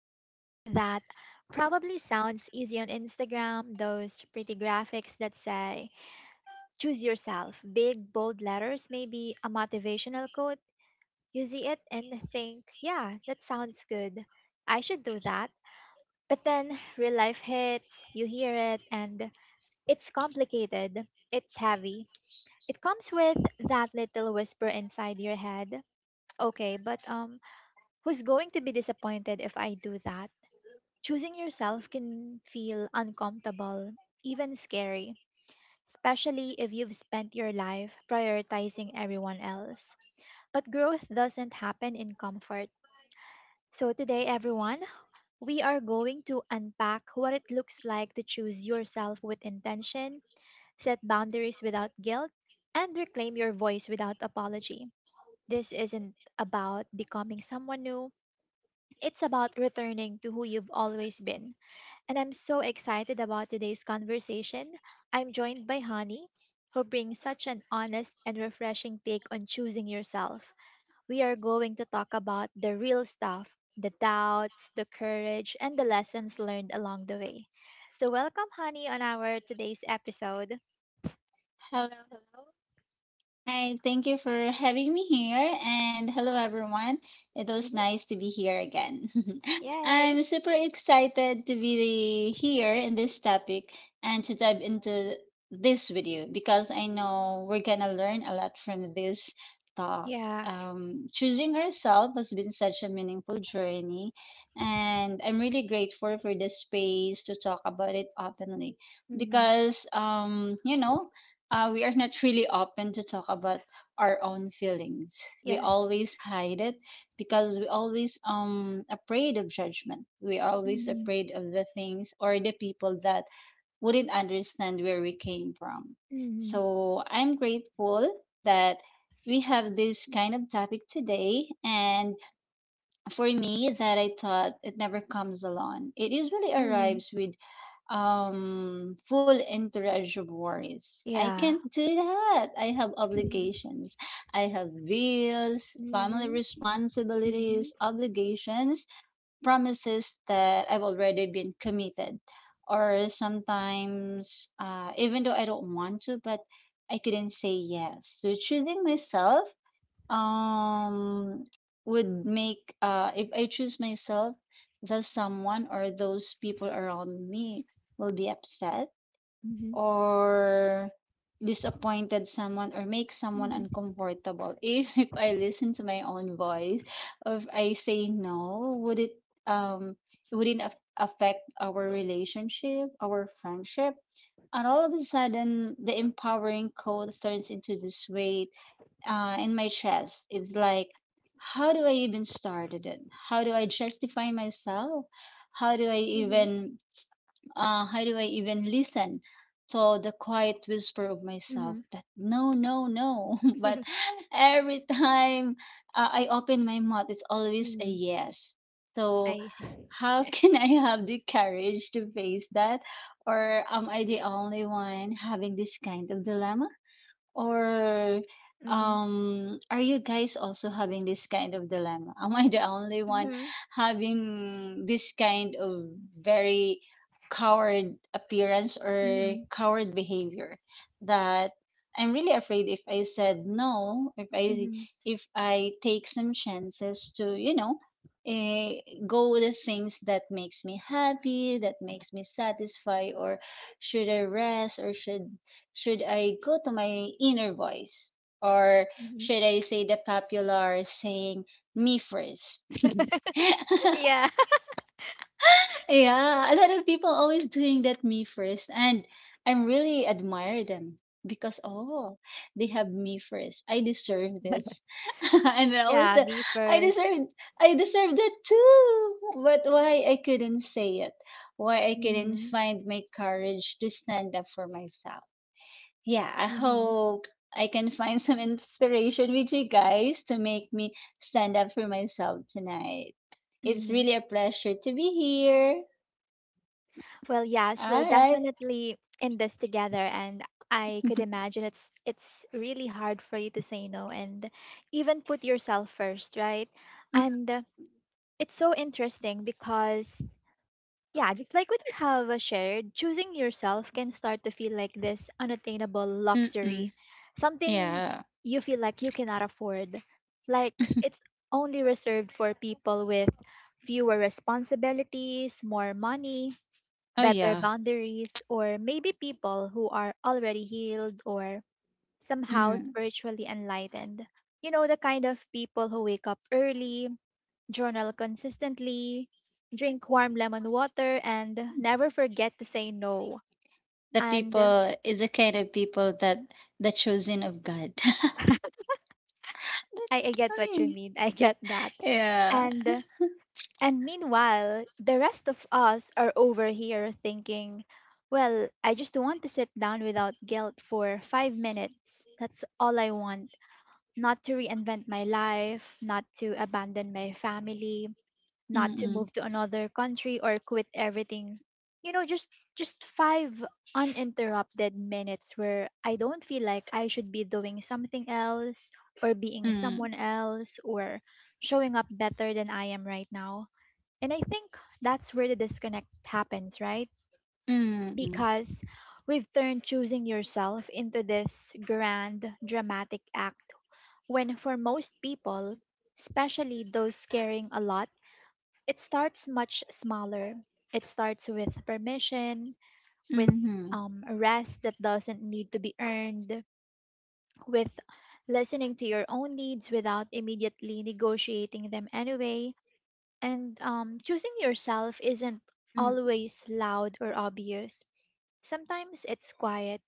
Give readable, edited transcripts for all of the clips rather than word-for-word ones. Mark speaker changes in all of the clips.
Speaker 1: something that probably sounds easy on Instagram, those pretty graphics that say, choose yourself. Big, bold letters, maybe a motivational quote. You see it and think, yeah, that sounds good. I should do that. But then real life hits, you hear it, and it's complicated. It's heavy. It comes with that little whisper inside your head. Okay, but who's going to be disappointed if I do that? Choosing yourself can feel uncomfortable, even scary, especially if you've spent your life prioritizing everyone else. But growth doesn't happen in comfort. So, today, everyone, we are going to unpack what it looks like to choose yourself with intention, set boundaries without guilt, and reclaim your voice without apology. This isn't about becoming someone new, it's about returning to who you've always been. And I'm so excited about today's conversation. I'm joined by Hani, who brings such an honest and refreshing take on choosing yourself. We are going to talk about the real stuff, the doubts, the courage, and the lessons learned along the way. So, welcome, Hani, on our today's episode.
Speaker 2: Hi, thank you for having me here, and hello everyone. It was
Speaker 1: Mhm.
Speaker 2: nice to be here again.
Speaker 1: Yay!
Speaker 2: I'm super excited to be here in this topic and to dive into this with you because I know we're gonna learn a lot from this talk.
Speaker 1: Yeah.
Speaker 2: Choosing ourselves has been such a meaningful journey, and I'm really grateful for the space to talk about it openly
Speaker 1: Hmm.
Speaker 2: because, we are not really open to talk about our own feelings. We
Speaker 1: Yes.
Speaker 2: always hide it because we always afraid of judgment. We are always
Speaker 1: Hmm.
Speaker 2: afraid of the things or the people that wouldn't understand where we came from.
Speaker 1: Hmm.
Speaker 2: So I'm grateful that we have this kind of topic today, and for me, that I thought it never comes alone. It usually
Speaker 1: Hmm.
Speaker 2: arrives with full entourage of worries. I
Speaker 1: Yeah.
Speaker 2: can't do that, I have obligations, I have bills, family
Speaker 1: Hmm.
Speaker 2: responsibilities, obligations, promises that I've already been committed, or sometimes, even though I don't want to, but I couldn't say yes. So choosing myself, um would make, if I choose myself, the someone or those people around me will be upset
Speaker 1: Hmm.
Speaker 2: or disappointed, someone or make someone
Speaker 1: Mhm.
Speaker 2: uncomfortable. If If I listen to my own voice, or if I say no, would it, um wouldn't affect our relationship, our friendship? And all of a sudden the empowering code turns into this way, in my chest. It's like, how do I even started it? How do I justify myself? How do I
Speaker 1: Mhm.
Speaker 2: even how do I even listen to the quiet whisper of myself
Speaker 1: Mhm.
Speaker 2: that no, no, no? But every time, I open my mouth, it's always a
Speaker 1: Mhm.
Speaker 2: yes. So
Speaker 1: I see.
Speaker 2: how can I have the courage to face that? Or am I the only one having this kind of dilemma? Or
Speaker 1: Mhm.
Speaker 2: um are you guys also having this kind of dilemma? Am I the only one
Speaker 1: Mhm.
Speaker 2: having this kind of very coward appearance or
Speaker 1: Mhm.
Speaker 2: coward behavior, that I'm really afraid if I said no, if I
Speaker 1: Mhm.
Speaker 2: if I take some chances toeh, go with the things that makes me happy, that makes me satisfied, or should I rest, or should I go to my inner voice? Or
Speaker 1: Mhm.
Speaker 2: should I say the popular saying, me first?
Speaker 1: Yeah.
Speaker 2: Yeah, a lot of people always doing that, me first. And I'm really admire them because, oh, they have me first. I deserve this. And I was
Speaker 1: Yeah,
Speaker 2: the,
Speaker 1: me
Speaker 2: I
Speaker 1: first.
Speaker 2: deserve, I deserve that too. But why I couldn't say it? Why I couldn't
Speaker 1: Mhm.
Speaker 2: find my courage to stand up for myself? Yeah, I
Speaker 1: Mhm.
Speaker 2: hope I can find some inspiration with you guys to make me stand up for myself tonight. It's
Speaker 1: Mhm.
Speaker 2: really a pleasure to be here.
Speaker 1: Well, yes, we're
Speaker 2: All right.
Speaker 1: definitely in this together. And I could imagine it's really hard for you to say no and even put yourself first, right?
Speaker 2: Mm,
Speaker 1: And it's so interesting because, yeah, just like what you have shared, choosing yourself can start to feel like this unattainable
Speaker 2: mm, mm.
Speaker 1: luxury, something
Speaker 2: Yeah.
Speaker 1: you feel like you cannot afford. Like it's only reserved for people with fewer responsibilities, more money,
Speaker 2: Oh,
Speaker 1: better
Speaker 2: yeah.
Speaker 1: boundaries, or maybe people who are already healed or somehow
Speaker 2: Mm.
Speaker 1: spiritually enlightened. You know, the kind of people who wake up early, journal consistently, drink warm lemon water, and never forget to say no.
Speaker 2: The
Speaker 1: And
Speaker 2: people is the kind of people that the chosen of God.
Speaker 1: I get what you mean. I get that.
Speaker 2: Yeah.
Speaker 1: And and meanwhile, the rest of us are over here thinking, well, I just want to sit down without guilt for 5 minutes. That's all I want. Not to reinvent my life, not to abandon my family,
Speaker 2: Mm,
Speaker 1: not to
Speaker 2: mm,
Speaker 1: move to another country or quit everything. You know, just 5 uninterrupted minutes where I don't feel like I should be doing something else or being
Speaker 2: mm,
Speaker 1: someone else or showing up better than I am right now. And I think that's where the disconnect happens, right?
Speaker 2: mm,
Speaker 1: Because we've turned choosing yourself into this grand, dramatic act when for most people, especially those carrying a lot, it starts much smaller. It starts with permission, with
Speaker 2: mm,
Speaker 1: rest that doesn't need to be earned, with listening to your own needs without immediately negotiating them anyway. And choosing yourself isn't
Speaker 2: mm-hmm.
Speaker 1: always loud or obvious. Sometimes it's quiet,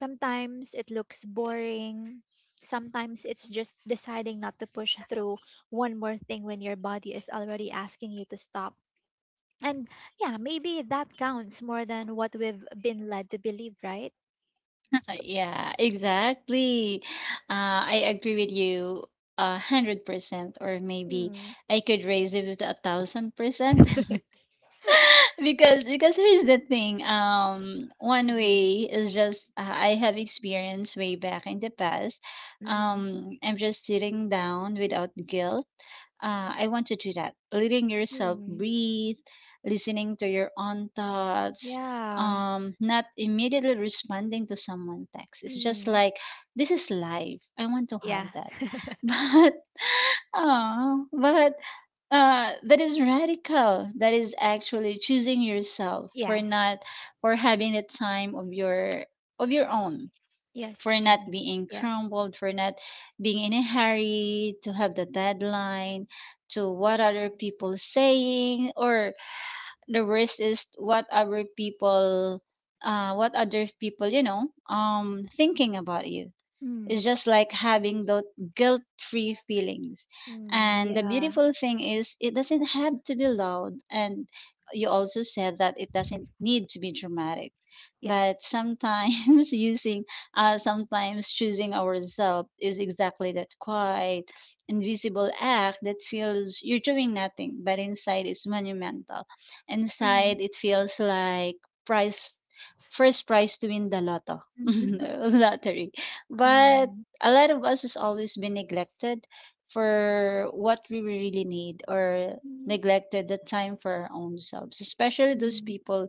Speaker 1: sometimes it looks boring, sometimes it's just deciding not to push through one more thing when your body is already asking you to stop. And yeah, maybe that counts more than what we've been led to believe, right?
Speaker 2: Yeah, exactly. I agree with you 100%, or maybe
Speaker 1: Mm.
Speaker 2: I could raise it to 1000%. Because here's the thing. One
Speaker 1: Mm-mm.
Speaker 2: way is just, I have experience way back in the past.
Speaker 1: Mm-mm.
Speaker 2: I'm just sitting down without guilt, I want to do that. Letting yourself
Speaker 1: Mm.
Speaker 2: breathe, listening to your own thoughts,
Speaker 1: Yeah.
Speaker 2: not immediately responding to someone text. It's just
Speaker 1: Mm.
Speaker 2: like, this is life, I want to have
Speaker 1: Yeah.
Speaker 2: that. But, oh, but, that is radical. That is actually choosing yourself, for
Speaker 1: Yes.
Speaker 2: not, for having the time of your own,
Speaker 1: Yes.
Speaker 2: for not
Speaker 1: Mm.
Speaker 2: being
Speaker 1: Yes.
Speaker 2: crumbled, for not being in a hurry to have the deadline, to what other people saying, or the worst is what other people, thinking about you.
Speaker 1: Mm.
Speaker 2: It's just like having those guilt free feelings.
Speaker 1: Mm.
Speaker 2: And the
Speaker 1: Yeah.
Speaker 2: beautiful thing is, it doesn't have to be loud. And you also said that it doesn't need to be dramatic.
Speaker 1: Yes.
Speaker 2: But sometimes sometimes choosing ourselves is exactly that quiet, invisible act that feels you're doing nothing, but inside it's monumental.
Speaker 1: Mm.
Speaker 2: Inside it feels like price, first prize to win the lotto,
Speaker 1: Mm.
Speaker 2: lottery. But
Speaker 1: Mm.
Speaker 2: a lot of us has always been neglected for what we really need, or
Speaker 1: Mm.
Speaker 2: neglected the time for our own selves, especially those
Speaker 1: Mm.
Speaker 2: people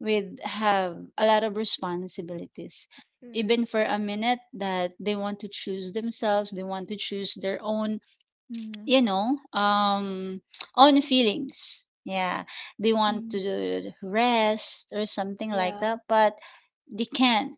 Speaker 2: with have a lot of responsibilities.
Speaker 1: Mm.
Speaker 2: Even for a minute that they want to choose themselves, they want to choose their own,
Speaker 1: Mm.
Speaker 2: you know, um own feelings. Yeah. They want
Speaker 1: Mm.
Speaker 2: to rest or something like
Speaker 1: Yeah.
Speaker 2: that, but they can't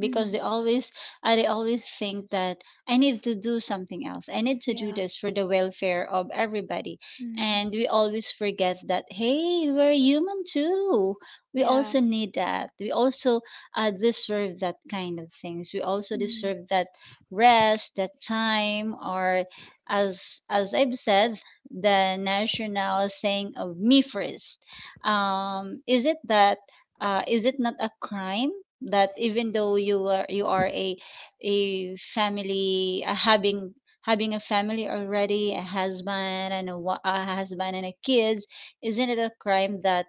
Speaker 2: because
Speaker 1: Mm.
Speaker 2: they always think that, I need to do something else, I need to do
Speaker 1: Yeah.
Speaker 2: this for the welfare of everybody.
Speaker 1: Mm.
Speaker 2: And we always forget that, hey, we're human too. We
Speaker 1: Yeah.
Speaker 2: also need that. We also, deserve that kind of things. We also
Speaker 1: Mm.
Speaker 2: deserve that rest, that time, or, as I've said, the national saying of me first. Is it that, is it not a crime that, even though you are, you are a family, having, a family already, a husband and a husband and a kids, isn't it a crime that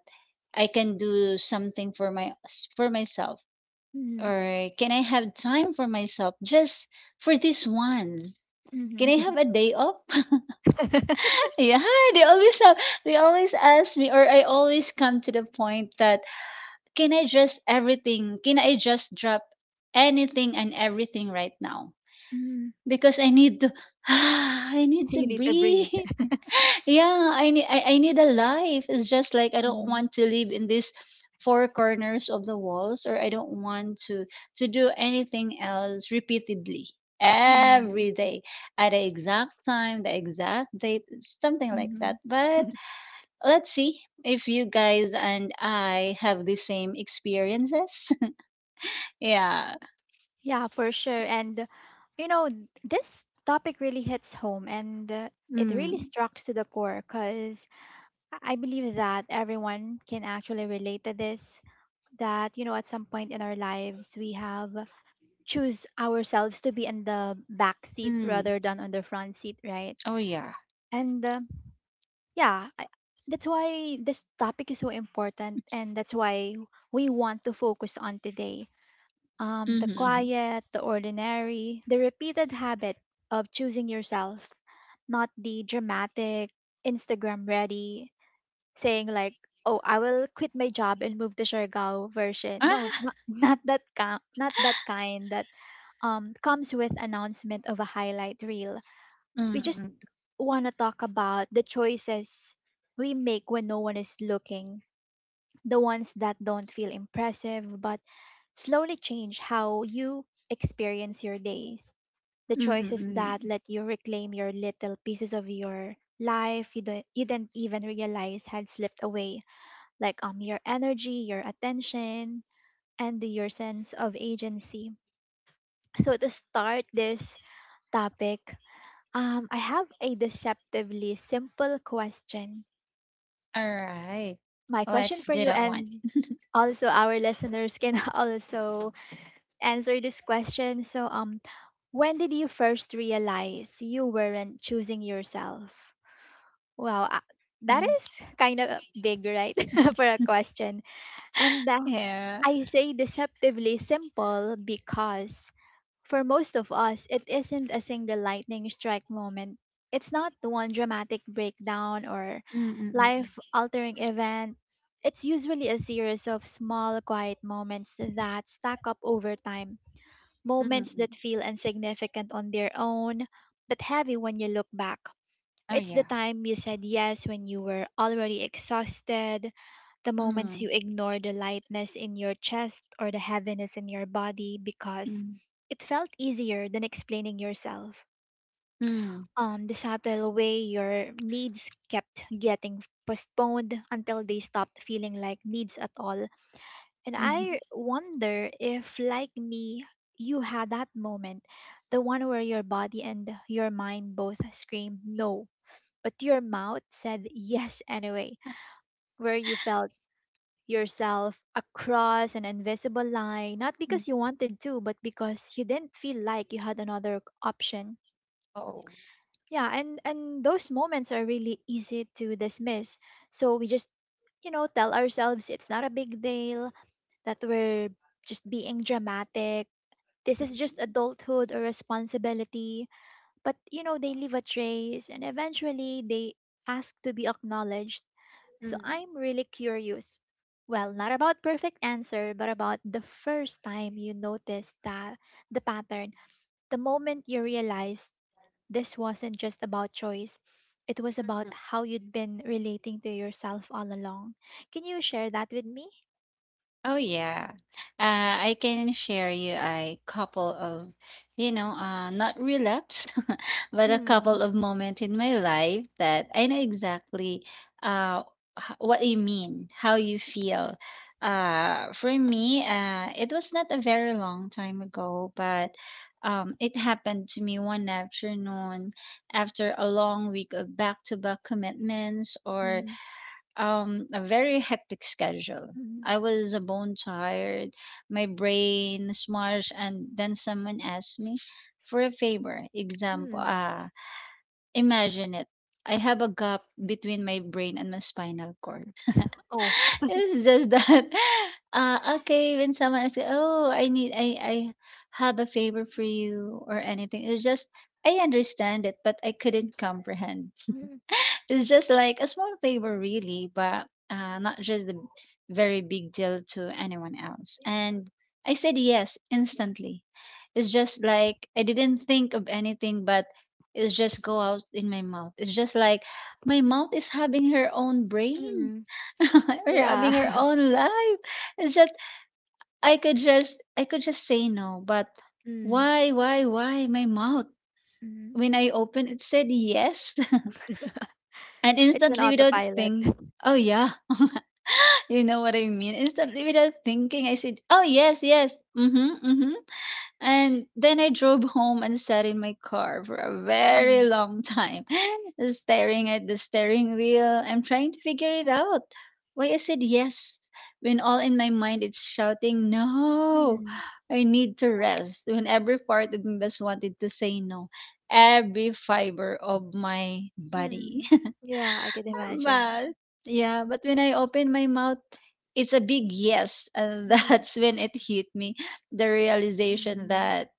Speaker 2: I can do something for my, for myself,
Speaker 1: Mm.
Speaker 2: or can I have time for myself just for this once? Can I
Speaker 1: Mm.
Speaker 2: have a day off? Yeah, they always have, they always ask me, or I always come to the point that, can I just everything? Can I just drop anything and everything right now?
Speaker 1: Mm.
Speaker 2: Because I need to, I need to
Speaker 1: You need to breathe.
Speaker 2: breathe. Yeah, I need a life. It's just like, I don't
Speaker 1: Mhm.
Speaker 2: want to live in these four corners of the walls, or I don't want to do anything else repeatedly
Speaker 1: Mm.
Speaker 2: every day, at the exact time, the exact date, something like that.
Speaker 1: Mhm.
Speaker 2: But let's see if you guys and I have the same experiences. Yeah.
Speaker 1: Yeah, for sure. And you know, this topic really hits home and it really
Speaker 2: Mm.
Speaker 1: strikes to the core because I believe that everyone can actually relate to this. That, you know, at some point in our lives, we have choose ourselves to be in the back seat
Speaker 2: Mm.
Speaker 1: rather than on the front seat, right?
Speaker 2: Oh, yeah.
Speaker 1: And yeah, that's why this topic is so important and that's why we want to focus on today the
Speaker 2: Mhm, mhm.
Speaker 1: quiet, the ordinary, the repeated habit of choosing yourself, not the dramatic, Instagram ready, saying like, oh, I will quit my job and move to Siargao version. No,
Speaker 2: Ah,
Speaker 1: not, not that kind that comes with announcement of a highlight reel. We just want to talk about the choices we make when no one is looking, the ones that don't feel impressive but slowly change how you experience your days. The choices that let you reclaim your little pieces of your life, you didn't even realize had slipped away, like your energy, your attention, and your sense of agency. So to start this topic, I have a deceptively simple question.
Speaker 2: alright.
Speaker 1: My question
Speaker 2: Let's
Speaker 1: for
Speaker 2: do
Speaker 1: you,
Speaker 2: that one.
Speaker 1: and also our listeners can also answer this question. So, when did you first realize you weren't choosing yourself? Wow, that
Speaker 2: Mm.
Speaker 1: is kind of big, right? For a question. And
Speaker 2: Yeah.
Speaker 1: I say deceptively simple because for most of us, it isn't a single lightning strike moment. It's not one dramatic breakdown or
Speaker 2: Mm, mm,
Speaker 1: life altering event. It's usually a series of small, quiet moments that stack up over time,
Speaker 2: mm, mm,
Speaker 1: moments
Speaker 2: mm.
Speaker 1: that
Speaker 2: Mm.
Speaker 1: feel insignificant on their own, but heavy when you look back.
Speaker 2: Oh,
Speaker 1: It's the
Speaker 2: yeah.
Speaker 1: time you said yes when you were already exhausted, the moments you
Speaker 2: Mm.
Speaker 1: ignored the lightness in your chest or the heaviness in your body because
Speaker 2: Mm.
Speaker 1: it felt easier than explaining yourself.
Speaker 2: Mm.
Speaker 1: The subtle way your needs kept getting postponed until they stopped feeling like needs at all. And
Speaker 2: Mhm,
Speaker 1: I wonder if, like me, you had that moment, the one where your body and your mind both screamed no, but your mouth said yes anyway, where you felt yourself across an invisible line, not
Speaker 2: mhm.
Speaker 1: because you wanted to, but because you didn't feel like you had another option. Yeah, and those moments are really easy to dismiss. So we just, you know, tell ourselves it's not a big deal, that we're just being dramatic. This is just adulthood or responsibility. But you know, they leave a trace and eventually they ask to be acknowledged. So I'm really curious. Well, not about perfect answer, but about the first time you noticed that, the pattern, the moment you realized this wasn't just about choice, it was about how you'd been relating to yourself all along. Can you share that with me?
Speaker 2: Oh yeah. Uh, I can share you a couple of, not relapse, but a
Speaker 1: Mm.
Speaker 2: couple of moments in my life that I know exactly, uh, what you mean, how you feel. For me, it was not a very long time ago, but, it happened to me one afternoon after a long week of back to back commitments, or,
Speaker 1: Mm.
Speaker 2: a very hectic schedule.
Speaker 1: Mm.
Speaker 2: I was a bone tired, my brain smashed, and then someone asked me for a favor. Example.
Speaker 1: Mm.
Speaker 2: Imagine it. I have a gap between my brain and my spinal cord.
Speaker 1: Oh.
Speaker 2: It's just that. Okay, when someone asks, "Oh, I have a favor for you," or anything, it's just, I understand it, but I couldn't comprehend.
Speaker 1: Mm.
Speaker 2: It's just like a small favor, really, but, not just a very big deal to anyone else. And I said yes instantly. It's just like, I didn't think of anything, but it's just go out in my mouth. It's just like my mouth is having her own brain
Speaker 1: Mm.
Speaker 2: or
Speaker 1: Yeah.
Speaker 2: having her own life. It's just, I could just say no, but
Speaker 1: Mm.
Speaker 2: why my mouth?
Speaker 1: Mm.
Speaker 2: When I opened, it said yes. And
Speaker 1: It's an
Speaker 2: instantly without
Speaker 1: autopilot.
Speaker 2: think, oh yeah. You know what I mean? Instantly without thinking, I said, "Oh yes, yes." Mm-hmm. Mm-hmm. And then I drove home and sat in my car for a very
Speaker 1: Mm.
Speaker 2: long time, staring at the steering wheel. I'm trying to figure it out. Why I said yes when all in my mind it's shouting, "No,
Speaker 1: Mm.
Speaker 2: I need to rest." When every part of me just wanted to say no. Every fiber of my body.
Speaker 1: Mm. Yeah, I can imagine.
Speaker 2: But yeah, but when I open my mouth, it's a big yes. And
Speaker 1: Mm.
Speaker 2: that's when it hit me, the realization
Speaker 1: Mm.
Speaker 2: that,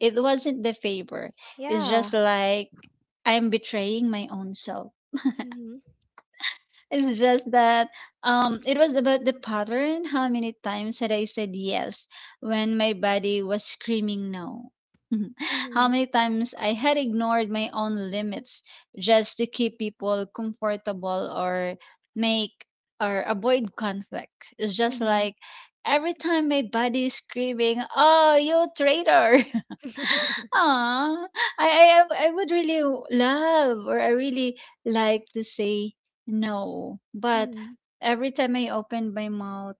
Speaker 2: it wasn't the favor. It's
Speaker 1: Yeah.
Speaker 2: just like, I'm betraying my own self.
Speaker 1: Mhm.
Speaker 2: It's just that, it was about the pattern. How many times had I said yes when my body was screaming no? How
Speaker 1: Mhm.
Speaker 2: many times I had ignored my own limits, just to keep people comfortable, or make, or avoid conflict. It's just
Speaker 1: Mhm.
Speaker 2: like every time my body is screaming, "Oh, you traitor!" Aw, I I I would really love, or I really like to say no, but
Speaker 1: Mhm.
Speaker 2: every time I open my mouth,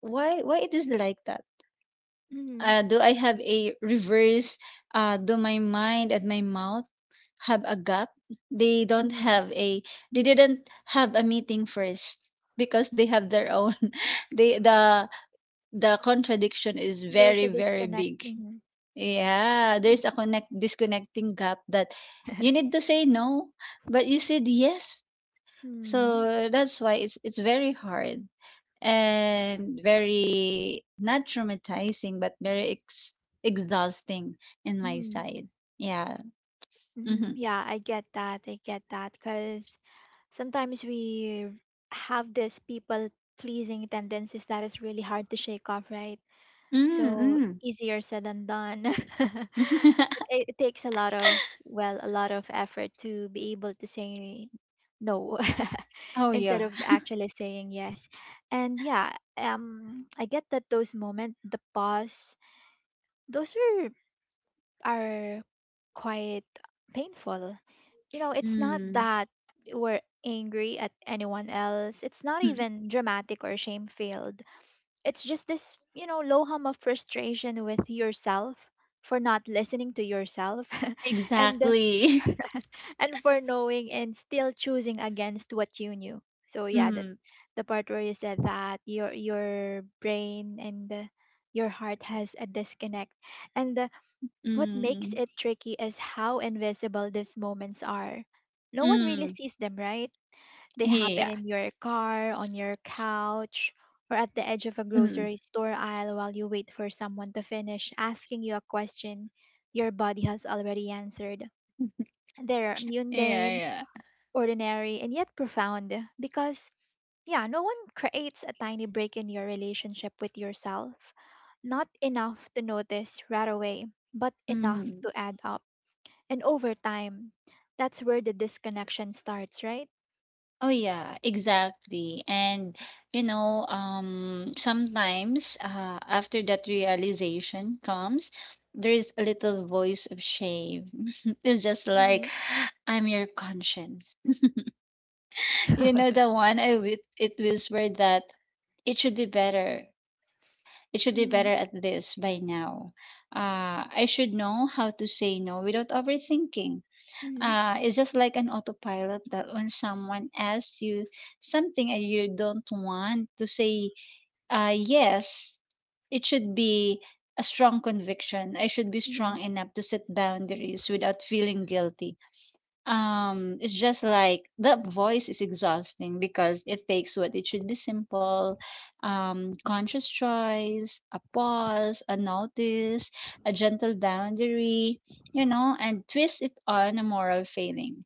Speaker 2: why it is like that?
Speaker 1: Mhm.
Speaker 2: Do I have a reverse? Do my mind and my mouth have a gap? They don't
Speaker 1: Mhm.
Speaker 2: have a. They didn't have a meeting first because they have their own. They the the contradiction is
Speaker 1: There's
Speaker 2: very,
Speaker 1: a
Speaker 2: very
Speaker 1: disconnect.
Speaker 2: big.
Speaker 1: Mm-hmm.
Speaker 2: Yeah, there's a connect disconnecting gap, that you need to say no, but you said yes.
Speaker 1: Mm.
Speaker 2: So that's why it's very hard and very not traumatizing, but very ex exhausting in my
Speaker 1: Mm.
Speaker 2: side. Yeah.
Speaker 1: Mm.
Speaker 2: Mm-hmm.
Speaker 1: Yeah, I get that. I get that. Because sometimes we have this people pleasing tendencies that is really hard to shake off, right? So
Speaker 2: Mm-mm.
Speaker 1: easier said than done. it, it it takes a lot of, well, a lot of effort to be able to say no
Speaker 2: Oh
Speaker 1: instead
Speaker 2: yeah.
Speaker 1: of actually saying yes. And yeah, I get that those moments, the pause, those are quite painful. You know, it's not
Speaker 2: Mm.
Speaker 1: that we're angry at anyone else. It's not
Speaker 2: Mm.
Speaker 1: even dramatic or shame filled. It's just this, you know, low hum of frustration with yourself for not listening to yourself and
Speaker 2: Exactly.
Speaker 1: and for knowing and still choosing against what you knew. So yeah, that
Speaker 2: Mm.
Speaker 1: the part where you said that your brain and your heart has a disconnect. And what makes
Speaker 2: Mm.
Speaker 1: it tricky is how invisible these moments are. No
Speaker 2: Mm.
Speaker 1: one really
Speaker 2: Mm.
Speaker 1: sees them, right? They happen
Speaker 2: Yeah.
Speaker 1: in your car, on your couch, or at the edge of a
Speaker 2: Mm.
Speaker 1: grocery store aisle while you wait for someone to finish asking you a question your body has already answered. They're
Speaker 2: Yeah,
Speaker 1: mundane,
Speaker 2: yeah.
Speaker 1: ordinary, and yet profound because, yeah, no one creates a tiny break in your relationship with yourself. Not enough to notice right away, but enough
Speaker 2: Mm.
Speaker 1: to add up, and over time, that's where the disconnection starts, right?
Speaker 2: Oh yeah, exactly. And sometimes after that realization comes, there is a little voice of shame. It's just
Speaker 1: Mm-hmm.
Speaker 2: like I'm your conscience. You know the one I with it whispered that it should be better. It should be better
Speaker 1: Mm-hmm.
Speaker 2: at this by now. I should know how to say no without overthinking.
Speaker 1: Mm-hmm.
Speaker 2: It's just like an autopilot that when someone asks you something and you don't want to say yes, it should be a strong conviction. I should be
Speaker 1: Mm-hmm.
Speaker 2: strong enough to set boundaries without feeling guilty. It's just like that voice is exhausting because it takes what it should be simple, conscious choice, a pause, a notice, a gentle boundary, you know, and twist it on a moral failing.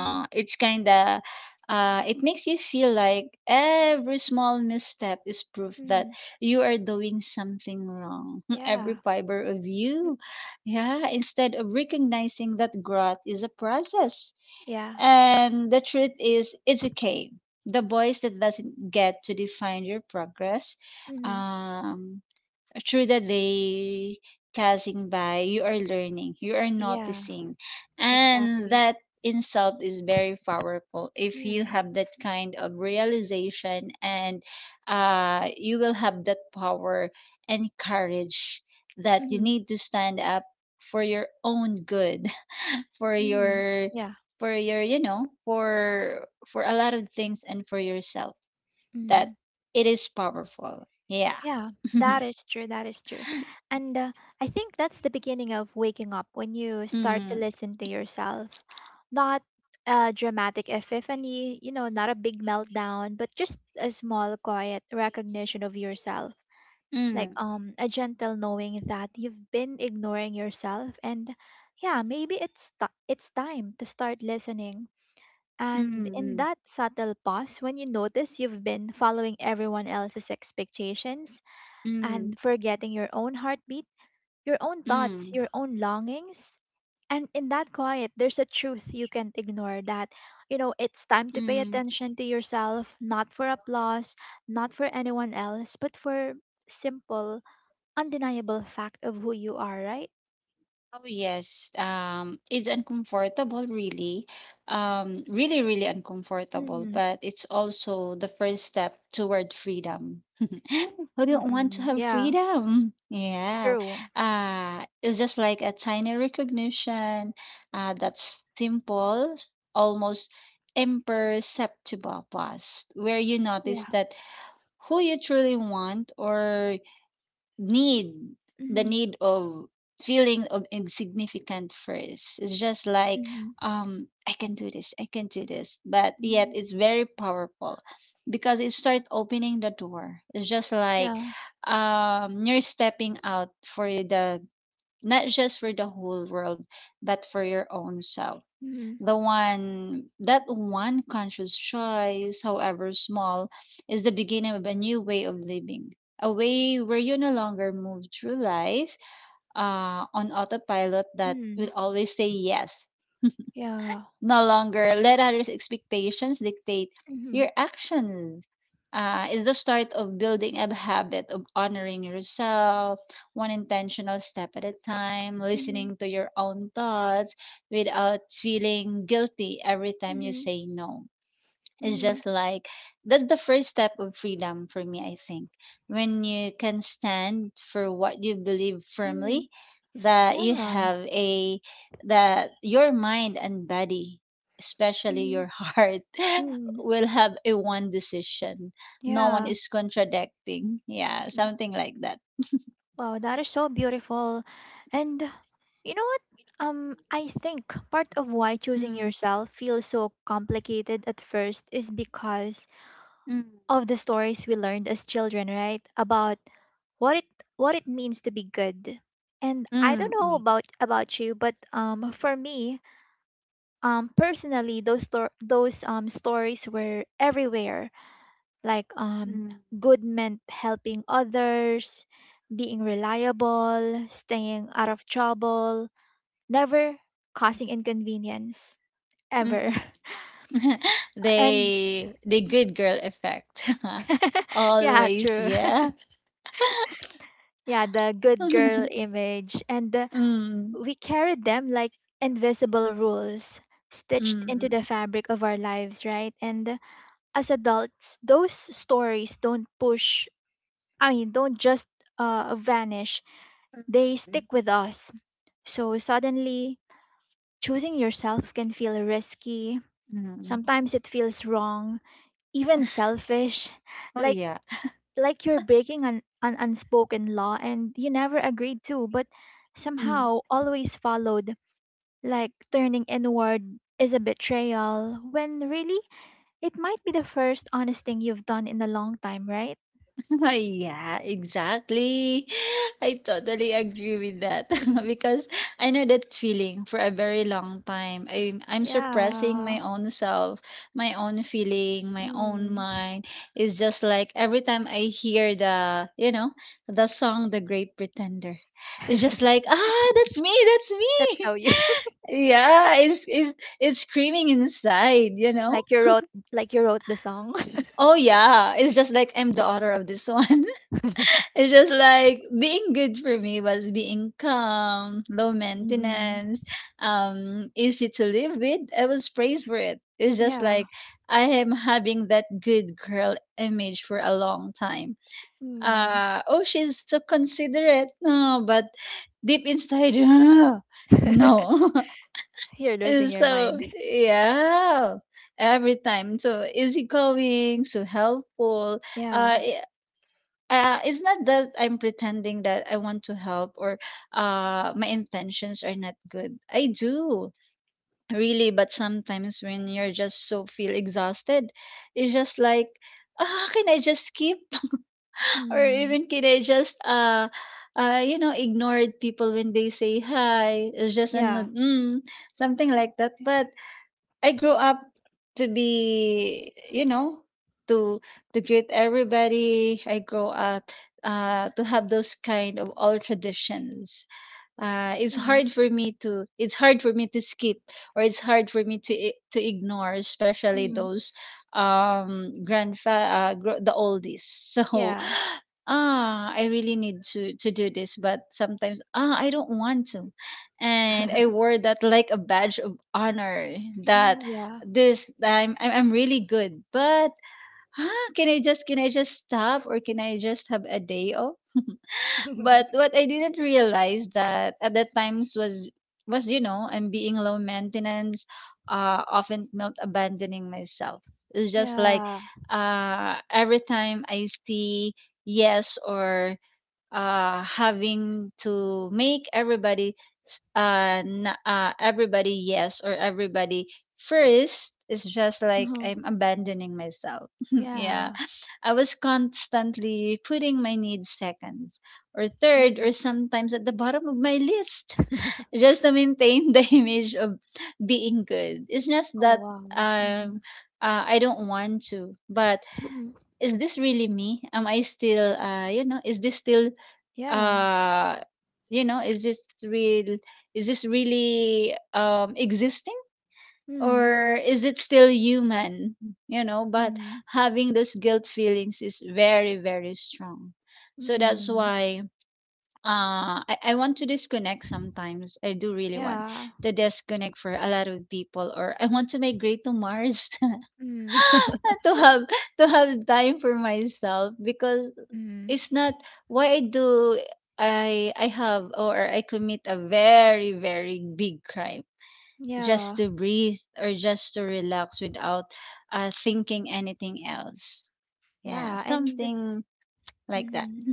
Speaker 1: Mm-hmm.
Speaker 2: it's kinda uh, it makes you feel like every small misstep is proof that
Speaker 1: Mm-hmm.
Speaker 2: you are doing something wrong. Every
Speaker 1: Yeah.
Speaker 2: fiber of you. Yeah, instead of recognizing that growth is a process.
Speaker 1: Yeah.
Speaker 2: And the truth is, it's okay. The voice that doesn't get to define your progress.
Speaker 1: Mm-hmm.
Speaker 2: Um, Through the day passing by, you are learning, you are
Speaker 1: Yeah.
Speaker 2: noticing. And
Speaker 1: Exactly.
Speaker 2: that in self is very powerful if you
Speaker 1: Mm-hmm.
Speaker 2: have that kind of realization and you will have that power and courage that you
Speaker 1: Mm-hmm.
Speaker 2: need to stand up for your own good for your
Speaker 1: Yeah.
Speaker 2: for your you know for a lot of things and for yourself that
Speaker 1: Mm.
Speaker 2: it is powerful, yeah.
Speaker 1: Yeah. That is true. That is true. And I think that's the beginning of waking up when you start to
Speaker 2: Mm.
Speaker 1: listen to yourself. Not a dramatic epiphany, you know, not a big meltdown, but just a small, quiet recognition of yourself, like
Speaker 2: Mm,
Speaker 1: a gentle knowing that you've been ignoring yourself. And yeah, maybe it's time to start listening, and in
Speaker 2: mm,
Speaker 1: that subtle pause when you notice you've been following everyone else's expectations
Speaker 2: mm,
Speaker 1: and forgetting your own heartbeat, your own thoughts,
Speaker 2: mm,
Speaker 1: your own longings, and in that quiet there's a truth you can't ignore, that you know it's time to pay
Speaker 2: mm.
Speaker 1: attention to yourself, not for applause, not for anyone else, but for simple, undeniable fact of who you are, right?
Speaker 2: Oh yes, it's uncomfortable, really, really, really uncomfortable.
Speaker 1: Mm.
Speaker 2: But it's also the first step toward freedom. Who don't want to
Speaker 1: Mm-mm.
Speaker 2: have
Speaker 1: Yeah.
Speaker 2: freedom? Yeah,
Speaker 1: True.
Speaker 2: it's just like a tiny recognition, that's simple, almost imperceptible pause, where you notice
Speaker 1: Yeah.
Speaker 2: that who you truly want or need the
Speaker 1: Mm-hmm.
Speaker 2: need of feeling of insignificant first. It's just like
Speaker 1: Mm-hmm.
Speaker 2: I can do this, but yet
Speaker 1: Mm-hmm.
Speaker 2: it's very powerful because it start opening the door. It's just like
Speaker 1: Yeah.
Speaker 2: you're stepping out for the not just for the whole world but for your own self.
Speaker 1: Mm-hmm.
Speaker 2: The one that one conscious choice, however small, is the beginning of a new way of living. A way where you no longer move through life on autopilot that
Speaker 1: Mm-hmm.
Speaker 2: will always say yes,
Speaker 1: Yeah.
Speaker 2: no longer let others' expectations dictate
Speaker 1: Mm-hmm.
Speaker 2: your actions. Is the start of building a habit of honoring yourself, one intentional step at a time,
Speaker 1: Mm-hmm.
Speaker 2: listening to your own thoughts without feeling guilty every time you
Speaker 1: Mm-hmm.
Speaker 2: say no. It's
Speaker 1: Mm-hmm.
Speaker 2: just like that's the first step of freedom for me, I think. When you can stand for what you believe
Speaker 1: Mm-hmm.
Speaker 2: firmly, that you
Speaker 1: Yeah.
Speaker 2: have a that your mind and body, especially
Speaker 1: Mm-hmm.
Speaker 2: your heart,
Speaker 1: Mm-hmm.
Speaker 2: will have a one decision. No one
Speaker 1: Yeah.
Speaker 2: is contradicting. Yeah,
Speaker 1: Mm.
Speaker 2: something like that.
Speaker 1: Wow, that is so beautiful. And you know what? I think part of why choosing
Speaker 2: Mm,
Speaker 1: yourself feels so complicated at first is because
Speaker 2: mm,
Speaker 1: of the stories we learned as children, right? About what it what it means to be good. And I don't
Speaker 2: mm,
Speaker 1: know
Speaker 2: mm,
Speaker 1: about you, but for me, personally those stories were everywhere. Like,
Speaker 2: mm,
Speaker 1: good meant helping others, being reliable, staying out of trouble, never causing inconvenience ever.
Speaker 2: mm.
Speaker 1: And
Speaker 2: They the good girl effect.
Speaker 1: yeah,
Speaker 2: Always,
Speaker 1: true.
Speaker 2: yeah.
Speaker 1: Yeah, the good girl image. And
Speaker 2: Mm,
Speaker 1: we carried them like invisible rules stitched into
Speaker 2: mm,
Speaker 1: the fabric of our lives, right? And as adults, those stories don't push, I mean, don't just vanish, they stick with us. So suddenly, choosing yourself can feel risky.
Speaker 2: mm.
Speaker 1: Sometimes it feels wrong, even selfish,
Speaker 2: Oh,
Speaker 1: like
Speaker 2: yeah.
Speaker 1: like you're breaking an unspoken law and you never agreed to, but somehow always followed, like turning inward is a betrayal when really it might be the first honest thing you've done in a long time, right?
Speaker 2: Oh yeah, exactly. I totally agree with that because I know that feeling for a very long time. I'm suppressing my
Speaker 1: Yeah.
Speaker 2: own self, my own feeling, my own
Speaker 1: Mm.
Speaker 2: mind. It's just like every time I hear the, you know, the song The Great Pretender. It's just like, ah, that's me, that's
Speaker 1: That's
Speaker 2: me.
Speaker 1: how you
Speaker 2: Yeah, it's screaming inside, you know?
Speaker 1: like you wrote like you wrote the song.
Speaker 2: Oh yeah, it's just like I'm the author of this one. It's just like being good for me was being calm, low
Speaker 1: Mm-mm.
Speaker 2: maintenance, easy to live with. I was praised for it. It's just
Speaker 1: Yeah.
Speaker 2: like I am having that good girl image for a long time.
Speaker 1: Mm.
Speaker 2: Uh oh, she's so considerate. No, but deep inside, "Ah, no.
Speaker 1: You're losing
Speaker 2: And
Speaker 1: your
Speaker 2: so
Speaker 1: mind.
Speaker 2: yeah, every time so easygoing, so helpful uh,
Speaker 1: Yeah.
Speaker 2: it's not that I'm pretending that I want to help or my intentions are not good. I do really, but sometimes when you're just so feel exhausted, it's just like, ah, can I just skip or
Speaker 1: Mm.
Speaker 2: even can I just you know, ignore people when they say hi. It's just an
Speaker 1: Yeah.
Speaker 2: mm, something like that. But I grew up to be, you know, to to greet everybody. I grew up to have those kind of old traditions. uh, it's
Speaker 1: Mm.
Speaker 2: hard for me to skip or it's hard for me to to ignore, especially
Speaker 1: Mm.
Speaker 2: those the oldies. So
Speaker 1: Yeah.
Speaker 2: ah, I really need to do this, but sometimes ah, I don't want to. And I wore that like a badge of honor
Speaker 1: Mm.
Speaker 2: that
Speaker 1: Yeah.
Speaker 2: this I'm really good. But ah, can I just stop, or can I just have a day off? But what I didn't realize that at that times was you know, I'm being low maintenance, often not abandoning myself. It's just like
Speaker 1: Yeah.
Speaker 2: every time I see yes or having to make everybody everybody yes or everybody first. It's just like
Speaker 1: Uh-huh.
Speaker 2: I'm abandoning myself. Yeah.
Speaker 1: Yeah.
Speaker 2: I was constantly putting my needs second or third
Speaker 1: Mm.
Speaker 2: or sometimes at the bottom of my list just to maintain the image of being good. It's just
Speaker 1: Oh
Speaker 2: that
Speaker 1: wow. Mm.
Speaker 2: um I don't want to, but
Speaker 1: Mm.
Speaker 2: is this really me? Am I still you know, is this still
Speaker 1: Yeah.
Speaker 2: uh you know, is this real, is this really existing?
Speaker 1: Mm,
Speaker 2: Or is it still human, you know? But
Speaker 1: mm,
Speaker 2: having those guilt feelings is very very strong, so that's
Speaker 1: mm.
Speaker 2: why I want to disconnect. Sometimes I do really want
Speaker 1: Yeah.
Speaker 2: to disconnect for a lot of people, or I want to migrate to Mars
Speaker 1: Mm,
Speaker 2: to have time for myself because
Speaker 1: mm.
Speaker 2: it's not why I do I have or I commit a very very big crime just
Speaker 1: Yeah.
Speaker 2: to breathe or just to relax without thinking anything else. Yeah,
Speaker 1: Yeah. And
Speaker 2: something like that.
Speaker 1: mm,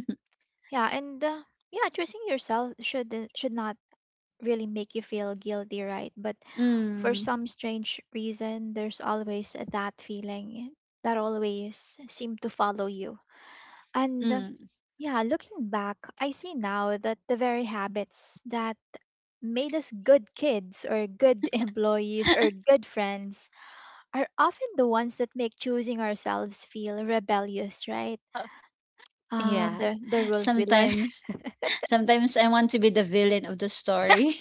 Speaker 1: yeah, and yeah, choosing yourself should not really make you feel guilty, right? But for
Speaker 2: Mm,
Speaker 1: some strange reason, there's always that feeling that always seem to follow you. And
Speaker 2: mm.
Speaker 1: yeah, looking back, I see now that the very habits that made us good kids or good employees or good friends are often the ones that make choosing ourselves feel rebellious, right?
Speaker 2: Yeah,
Speaker 1: The rules we learn,
Speaker 2: sometimes, sometimes I want to be the villain of the story.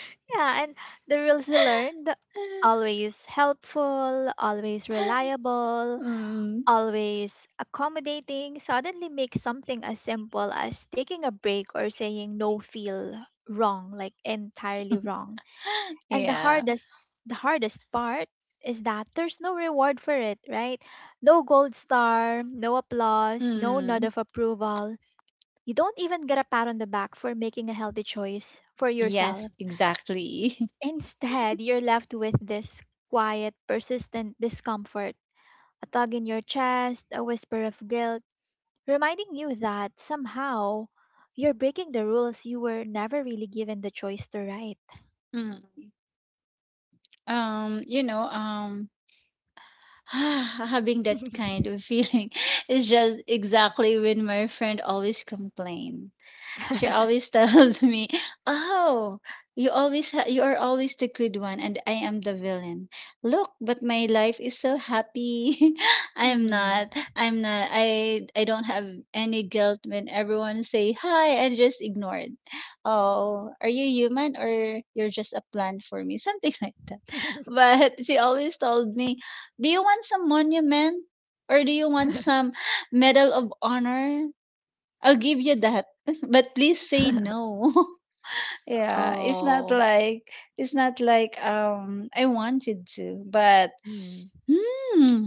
Speaker 1: yeah, and the rules we learned, always helpful, always reliable,
Speaker 2: Mm,
Speaker 1: always accommodating, suddenly make something as simple as taking a break or saying no feel wrong, like entirely wrong. And the
Speaker 2: yeah.
Speaker 1: hardest the hardest part is that there's no reward for it, right? No gold star, no applause, no nod
Speaker 2: Mm,
Speaker 1: of approval. You don't even get a pat on the back for making a healthy choice for
Speaker 2: yes,
Speaker 1: yourself.
Speaker 2: exactly.
Speaker 1: Instead, you're left with this quiet, persistent discomfort, a tug in your chest, a whisper of guilt reminding you that somehow you're breaking the rules you were never really given the choice to write.
Speaker 2: Mm. Um, you know, um, having that kind of feeling is just exactly when my friend always complain. She always tells me, "Oh, you always you are always the good one, and I am the villain. Look, but my life is so happy. I am
Speaker 1: Hmm.
Speaker 2: not. I'm not. I don't have any guilt when everyone say hi. I just ignored. Oh, are you human or you're just a plant for me? Something like that. But she always told me, "Do you want some monument?" Or do you want some Medal of Honor? I'll give you that, but please say no. Yeah, it's not
Speaker 1: Oh,
Speaker 2: like I wanted to, but
Speaker 1: mm,
Speaker 2: hmm,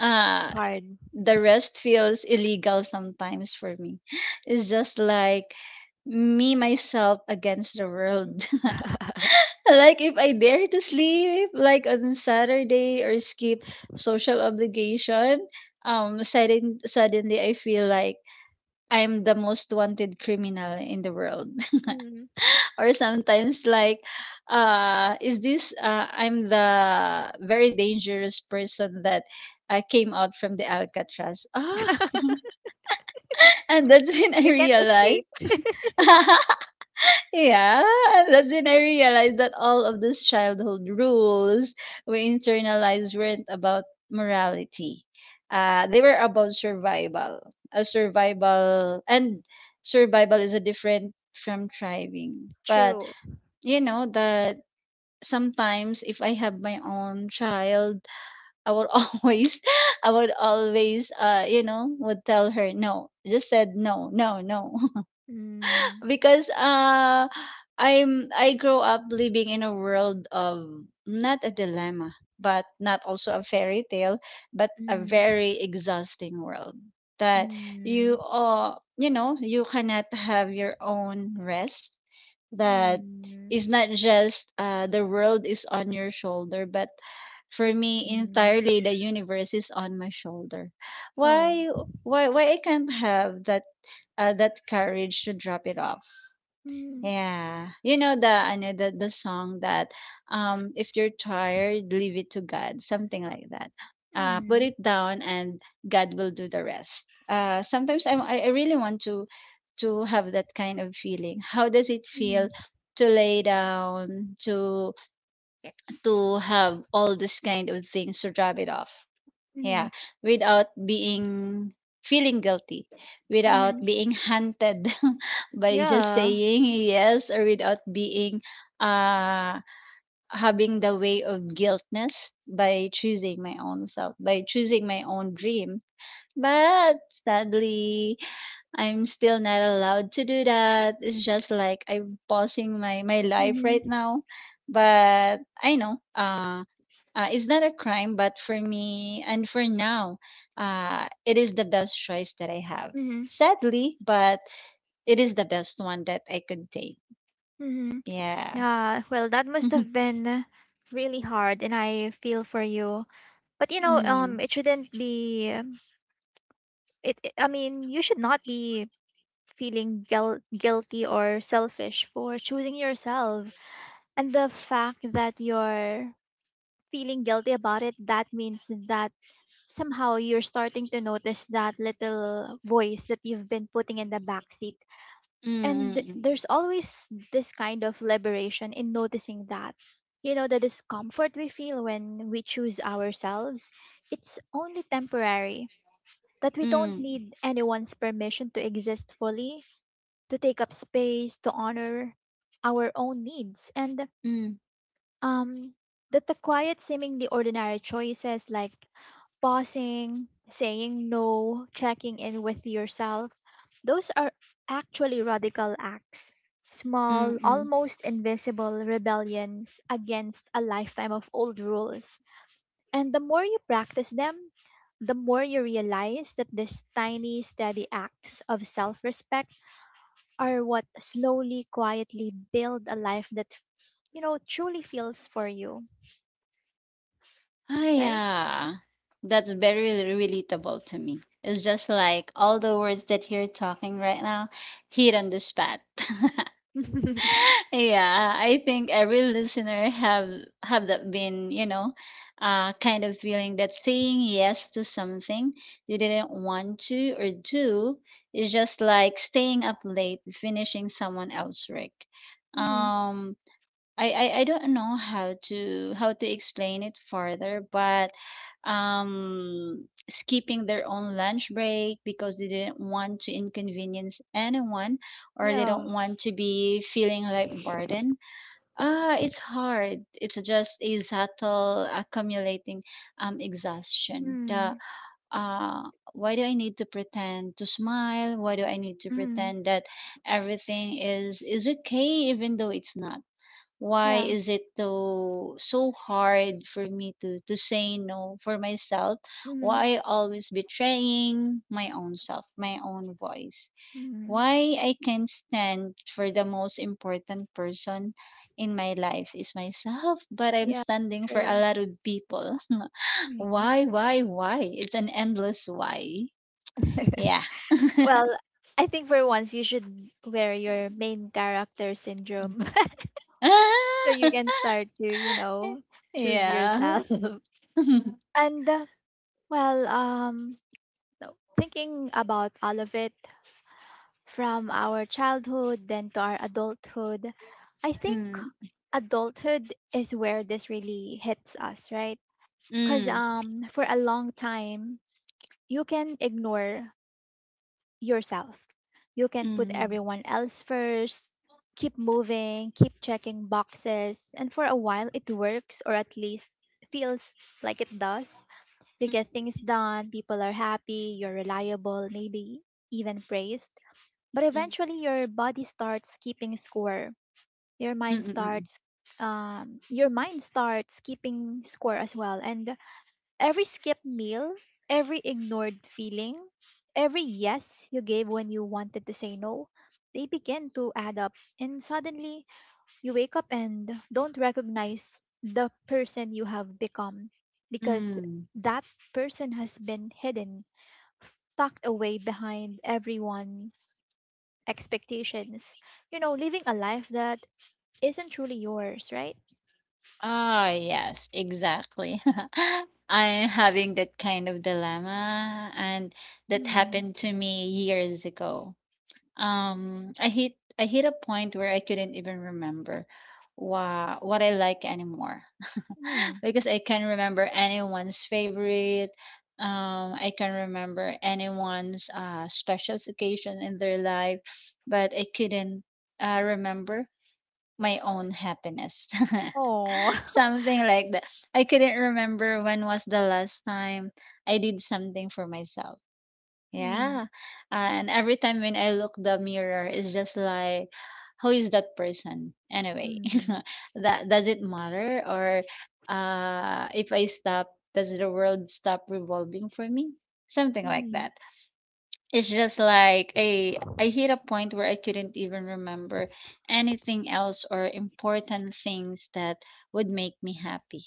Speaker 2: uh
Speaker 1: hard.
Speaker 2: the rest feels illegal sometimes for me. It's just like me myself against the world. Like if I dare to sleep like on Saturday or skip social obligation, suddenly I feel like I'm the most wanted criminal in the world.
Speaker 1: Mm.
Speaker 2: Or sometimes like is this I'm the very dangerous person that came out from the Alcatraz, ah. And that's when I
Speaker 1: You can't
Speaker 2: realized
Speaker 1: escape.
Speaker 2: yeah, that's when I realized that all of these childhood rules we internalized weren't about morality. They were about survival, a survival. And survival is a different from thriving. But
Speaker 1: True.
Speaker 2: you know the sometimes if I have my own child, I would always, I would always, you know, would tell her no. Just said no, no, no,
Speaker 1: Mm,
Speaker 2: because I grow up living in a world of not a dilemma, but not also a fairy tale, but a
Speaker 1: mm,
Speaker 2: very exhausting world that you
Speaker 1: mm,
Speaker 2: you know, you cannot have your own rest, that
Speaker 1: mm,
Speaker 2: it's not just the world is on your shoulder, but for me
Speaker 1: mm.
Speaker 2: entirely the universe is on my shoulder.
Speaker 1: Oh.
Speaker 2: Why why I can't have that that courage to drop it off?
Speaker 1: Mm,
Speaker 2: Yeah. You know the the song that if you're tired, leave it to God, something like that. Put
Speaker 1: mm,
Speaker 2: it down and God will do the rest. Sometimes I really want to have that kind of feeling. How does it feel
Speaker 1: mm,
Speaker 2: to lay down, to have all this kind of things to drop it off? Yeah,
Speaker 1: mm,
Speaker 2: without being feeling guilty, without
Speaker 1: mm.
Speaker 2: being hunted by just
Speaker 1: Yeah.
Speaker 2: saying yes, or without being uh having the way of guiltness by choosing my own self, by choosing my own dream. But sadly, I'm still not allowed to do that. It's just like I'm pausing my my life right
Speaker 1: Mm-hmm.
Speaker 2: now. But I know, it's not a crime, but for me and for now, it is the best choice that I have.
Speaker 1: Mm-hmm.
Speaker 2: Sadly, but it is the best one that I could take.
Speaker 1: Mm-hmm.
Speaker 2: Yeah.
Speaker 1: Yeah, well, that must
Speaker 2: mm,
Speaker 1: have been really hard, and I feel for you. But you know,
Speaker 2: mm,
Speaker 1: it shouldn't be. You should not be guilty or selfish for choosing yourself. And the fact that you're feeling guilty about it, that means that somehow you're starting to notice that little voice that you've been putting in the backseat. And
Speaker 2: mm,
Speaker 1: there's always this kind of liberation in noticing that, you know, the discomfort we feel when we choose ourselves, it's only temporary, that we don't
Speaker 2: mm,
Speaker 1: need anyone's permission to exist fully, to take up space, to honor our own needs. And
Speaker 2: mm,
Speaker 1: um, that the quiet, seemingly ordinary choices like pausing, saying no, checking in with yourself, those are actually radical acts.
Speaker 2: mm,
Speaker 1: Small,
Speaker 2: mm.
Speaker 1: almost invisible rebellions against a lifetime of old rules. And the more you practice them, the more you realize that these tiny, steady acts of self respect are what slowly, quietly build a life that, you know, truly feels for you,
Speaker 2: Ah,
Speaker 1: right?
Speaker 2: yeah. That's very relatable to me. It's just like all the words that you're talking right now, hit on the spot. yeah, I think every listener have that been, you know, kind of feeling that saying yes to something you didn't want to or do is just like staying up late finishing someone else's work.
Speaker 1: Mhm.
Speaker 2: Um I don't know how to explain it further, but skipping their own lunch break because they didn't want to inconvenience anyone or they
Speaker 1: Yeah.
Speaker 2: don't want to be feeling like burden. Ah, it's hard. It's just a subtle accumulating exhaustion. The
Speaker 1: Mm.
Speaker 2: Why do I need to pretend to smile? Why do I need to
Speaker 1: Mm.
Speaker 2: pretend that everything is okay even though it's not? Why
Speaker 1: Yeah.
Speaker 2: is it so hard for me to say no for myself?
Speaker 1: Mhm.
Speaker 2: Why I always betraying my own self, my own voice?
Speaker 1: Mhm.
Speaker 2: Why I can't stand for the most important person in my life is myself? But I'm
Speaker 1: Yeah,
Speaker 2: standing for a
Speaker 1: true.
Speaker 2: lot of people.
Speaker 1: Mhm.
Speaker 2: Why, it's an endless why. Yeah.
Speaker 1: Well, I think for once you should wear your main character syndrome so you
Speaker 2: Ah!
Speaker 1: can start to, you know, choose
Speaker 2: Yeah.
Speaker 1: yourself. And well, thinking about all of it from our childhood then to our adulthood, I think
Speaker 2: Mm,
Speaker 1: adulthood is where this really hits us, right? Because
Speaker 2: mm,
Speaker 1: for a long time, you can ignore yourself. You can put
Speaker 2: mm,
Speaker 1: everyone else first, keep moving, keep checking boxes, and for a while it works, or at least feels like it does. You get things
Speaker 2: mm.
Speaker 1: done, people are happy, you're reliable, maybe even praised. But
Speaker 2: Mm.
Speaker 1: eventually your body starts keeping score. Your
Speaker 2: Mm,
Speaker 1: mind
Speaker 2: mm, mm,
Speaker 1: starts your mind starts keeping score as well. And every skipped meal, every ignored feeling, every yes you gave when you wanted to say no, they begin to add up. And suddenly, you wake up and don't recognize the person you have become, because
Speaker 2: mm.
Speaker 1: that person has been hidden, tucked away behind everyone's expectations. You know, living a life that isn't truly yours, right?
Speaker 2: Ah, yes, exactly. I'm having that kind of dilemma, and that
Speaker 1: Hmm.
Speaker 2: happened to me years ago. Um, I hit I hit a point where I couldn't even remember what I like anymore.
Speaker 1: Hmm.
Speaker 2: Because I can not remember anyone's favorite. I can not remember anyone's special occasion in their life, but I couldn't remember my own happiness.
Speaker 1: Oh.
Speaker 2: Something like that. I couldn't remember when was the last time I did something for myself.
Speaker 1: Hmm.
Speaker 2: Yeah. And every time when I look the mirror, it's just like, who is that person anyway?
Speaker 1: Hmm.
Speaker 2: That does it matter? Or if I stop, does the world stop revolving for me? Something like
Speaker 1: Hmm.
Speaker 2: that. It's just like I hit a point where I couldn't even remember anything else or important things that would make me happy.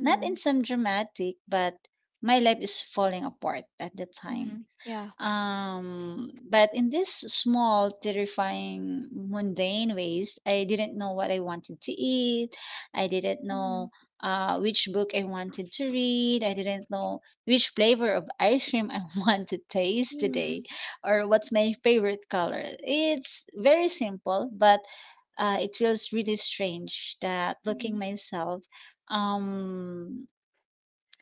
Speaker 2: Not in some dramatic, but my life is falling apart at the time.
Speaker 1: Mhm. Yeah.
Speaker 2: But in this small, terrifying, mundane ways, I didn't know what I wanted to eat. I didn't
Speaker 1: Mhm.
Speaker 2: know which book I wanted to read. I didn't know which flavor of ice cream I want to taste today
Speaker 1: Mhm.
Speaker 2: or what's my favorite color. It's very simple, but it feels really strange that looking
Speaker 1: Mhm.
Speaker 2: myself um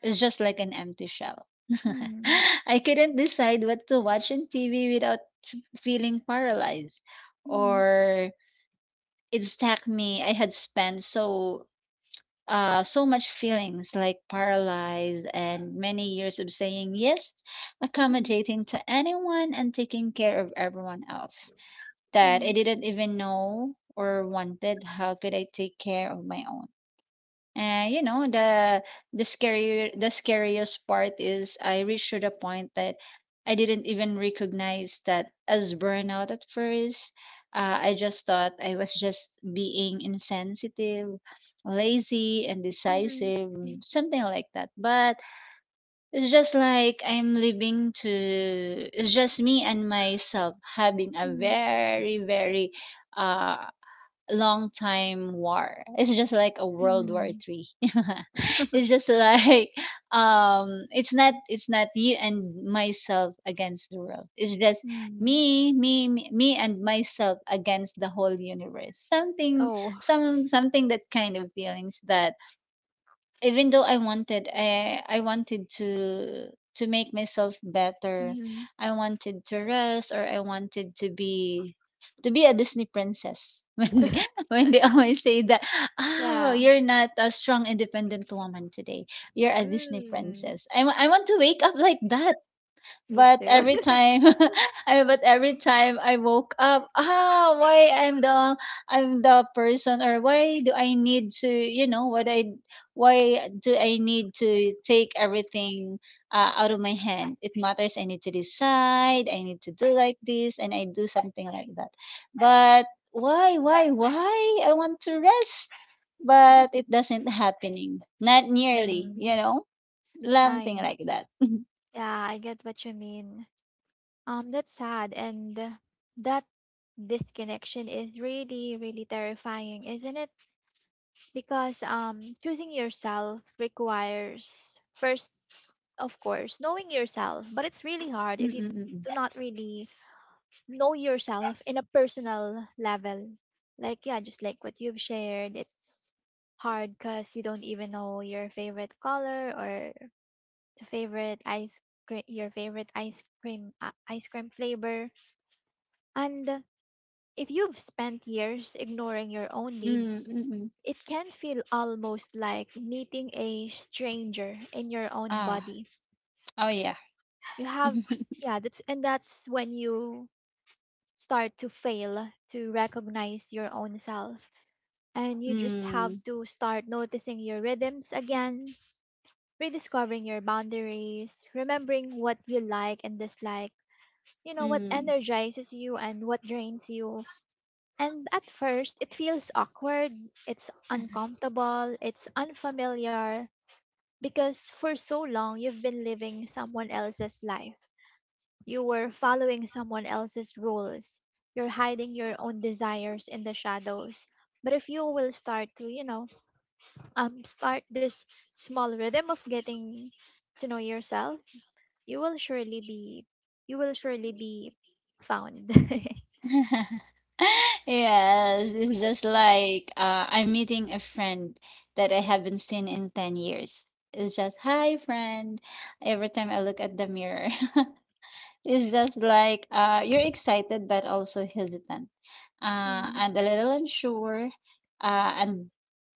Speaker 2: it's just like an empty shell.
Speaker 1: Mhm.
Speaker 2: I couldn't decide what to watch on TV without feeling paralyzed,
Speaker 1: Mhm.
Speaker 2: or it stuck me I had spent so so much feelings like paralyzed and many years of saying yes, accommodating to anyone and taking care of everyone else that I
Speaker 1: Mhm.
Speaker 2: didn't even know or wanted. How could I take care of my own? And you know, the scariest part is I reached to the point that I didn't even recognize that as burnout at first. I just thought I was just being insensitive, lazy, and
Speaker 1: Mhm. Mhm.
Speaker 2: decisive,
Speaker 1: Yeah.
Speaker 2: something like that. But it's just like I'm living to, it's just me and myself having a
Speaker 1: Mhm.
Speaker 2: very, very uh, long time war. It's just like a World War
Speaker 1: Mhm.
Speaker 2: Three. It's just like it's not you and myself against the world. It's just
Speaker 1: Mhm.
Speaker 2: me and myself against the whole universe.
Speaker 1: Oh.
Speaker 2: Something that kind of feelings that even though I wanted I wanted to make myself better.
Speaker 1: Mhm.
Speaker 2: I wanted to rest or I wanted to be a Disney princess. When they always say that, oh,
Speaker 1: Yeah.
Speaker 2: you're not a strong independent woman today. You're a Disney
Speaker 1: Mm.
Speaker 2: princess. I want to wake up like that
Speaker 1: Me
Speaker 2: but
Speaker 1: too.
Speaker 2: every time I but every time I woke up, ah, why I'm the person or why do I need to you know what I why do I need to take everything out of my hand? It matters. I need to decide. I need to do like this, and I do something like that. But why, why? I want to rest, but it doesn't happening. Not nearly, you
Speaker 1: Mm.
Speaker 2: know, something
Speaker 1: I
Speaker 2: like that.
Speaker 1: yeah, I get what you mean. That's sad, and that disconnection is really, really terrifying, isn't it? Because um, choosing yourself requires first, of course, knowing yourself, but it's really hard if you do not really know yourself in a personal level. Like, yeah, just like what you've shared, it's hard because you don't even know your favorite color or favorite ice your favorite ice cream flavor. And if you've spent years ignoring your own needs,
Speaker 2: Mm-mm-mm.
Speaker 1: it can feel almost like meeting a stranger in your own
Speaker 2: Ah,
Speaker 1: body.
Speaker 2: oh yeah.
Speaker 1: You have Yeah, that's when you start to fail to recognize your own self, and you just have
Speaker 2: Mm,
Speaker 1: to start noticing your rhythms again, rediscovering your boundaries, remembering what you like and dislike, you know, what
Speaker 2: mm.
Speaker 1: energizes you and what drains you. And at first it feels awkward, it's uncomfortable, it's unfamiliar, because for so long you've been living someone else's life. You were following someone else's rules. You're hiding your own desires in the shadows. But if you will start to, you know, start this small rhythm of getting to know yourself, you will surely be, you will surely be found.
Speaker 2: Yes, it's just like I'm meeting a friend that I haven't seen in 10 years. It's just, hi, friend. Every time I look at the mirror, it's just like you're excited but also hesitant,
Speaker 1: Mm,
Speaker 2: and a little unsure, uh, and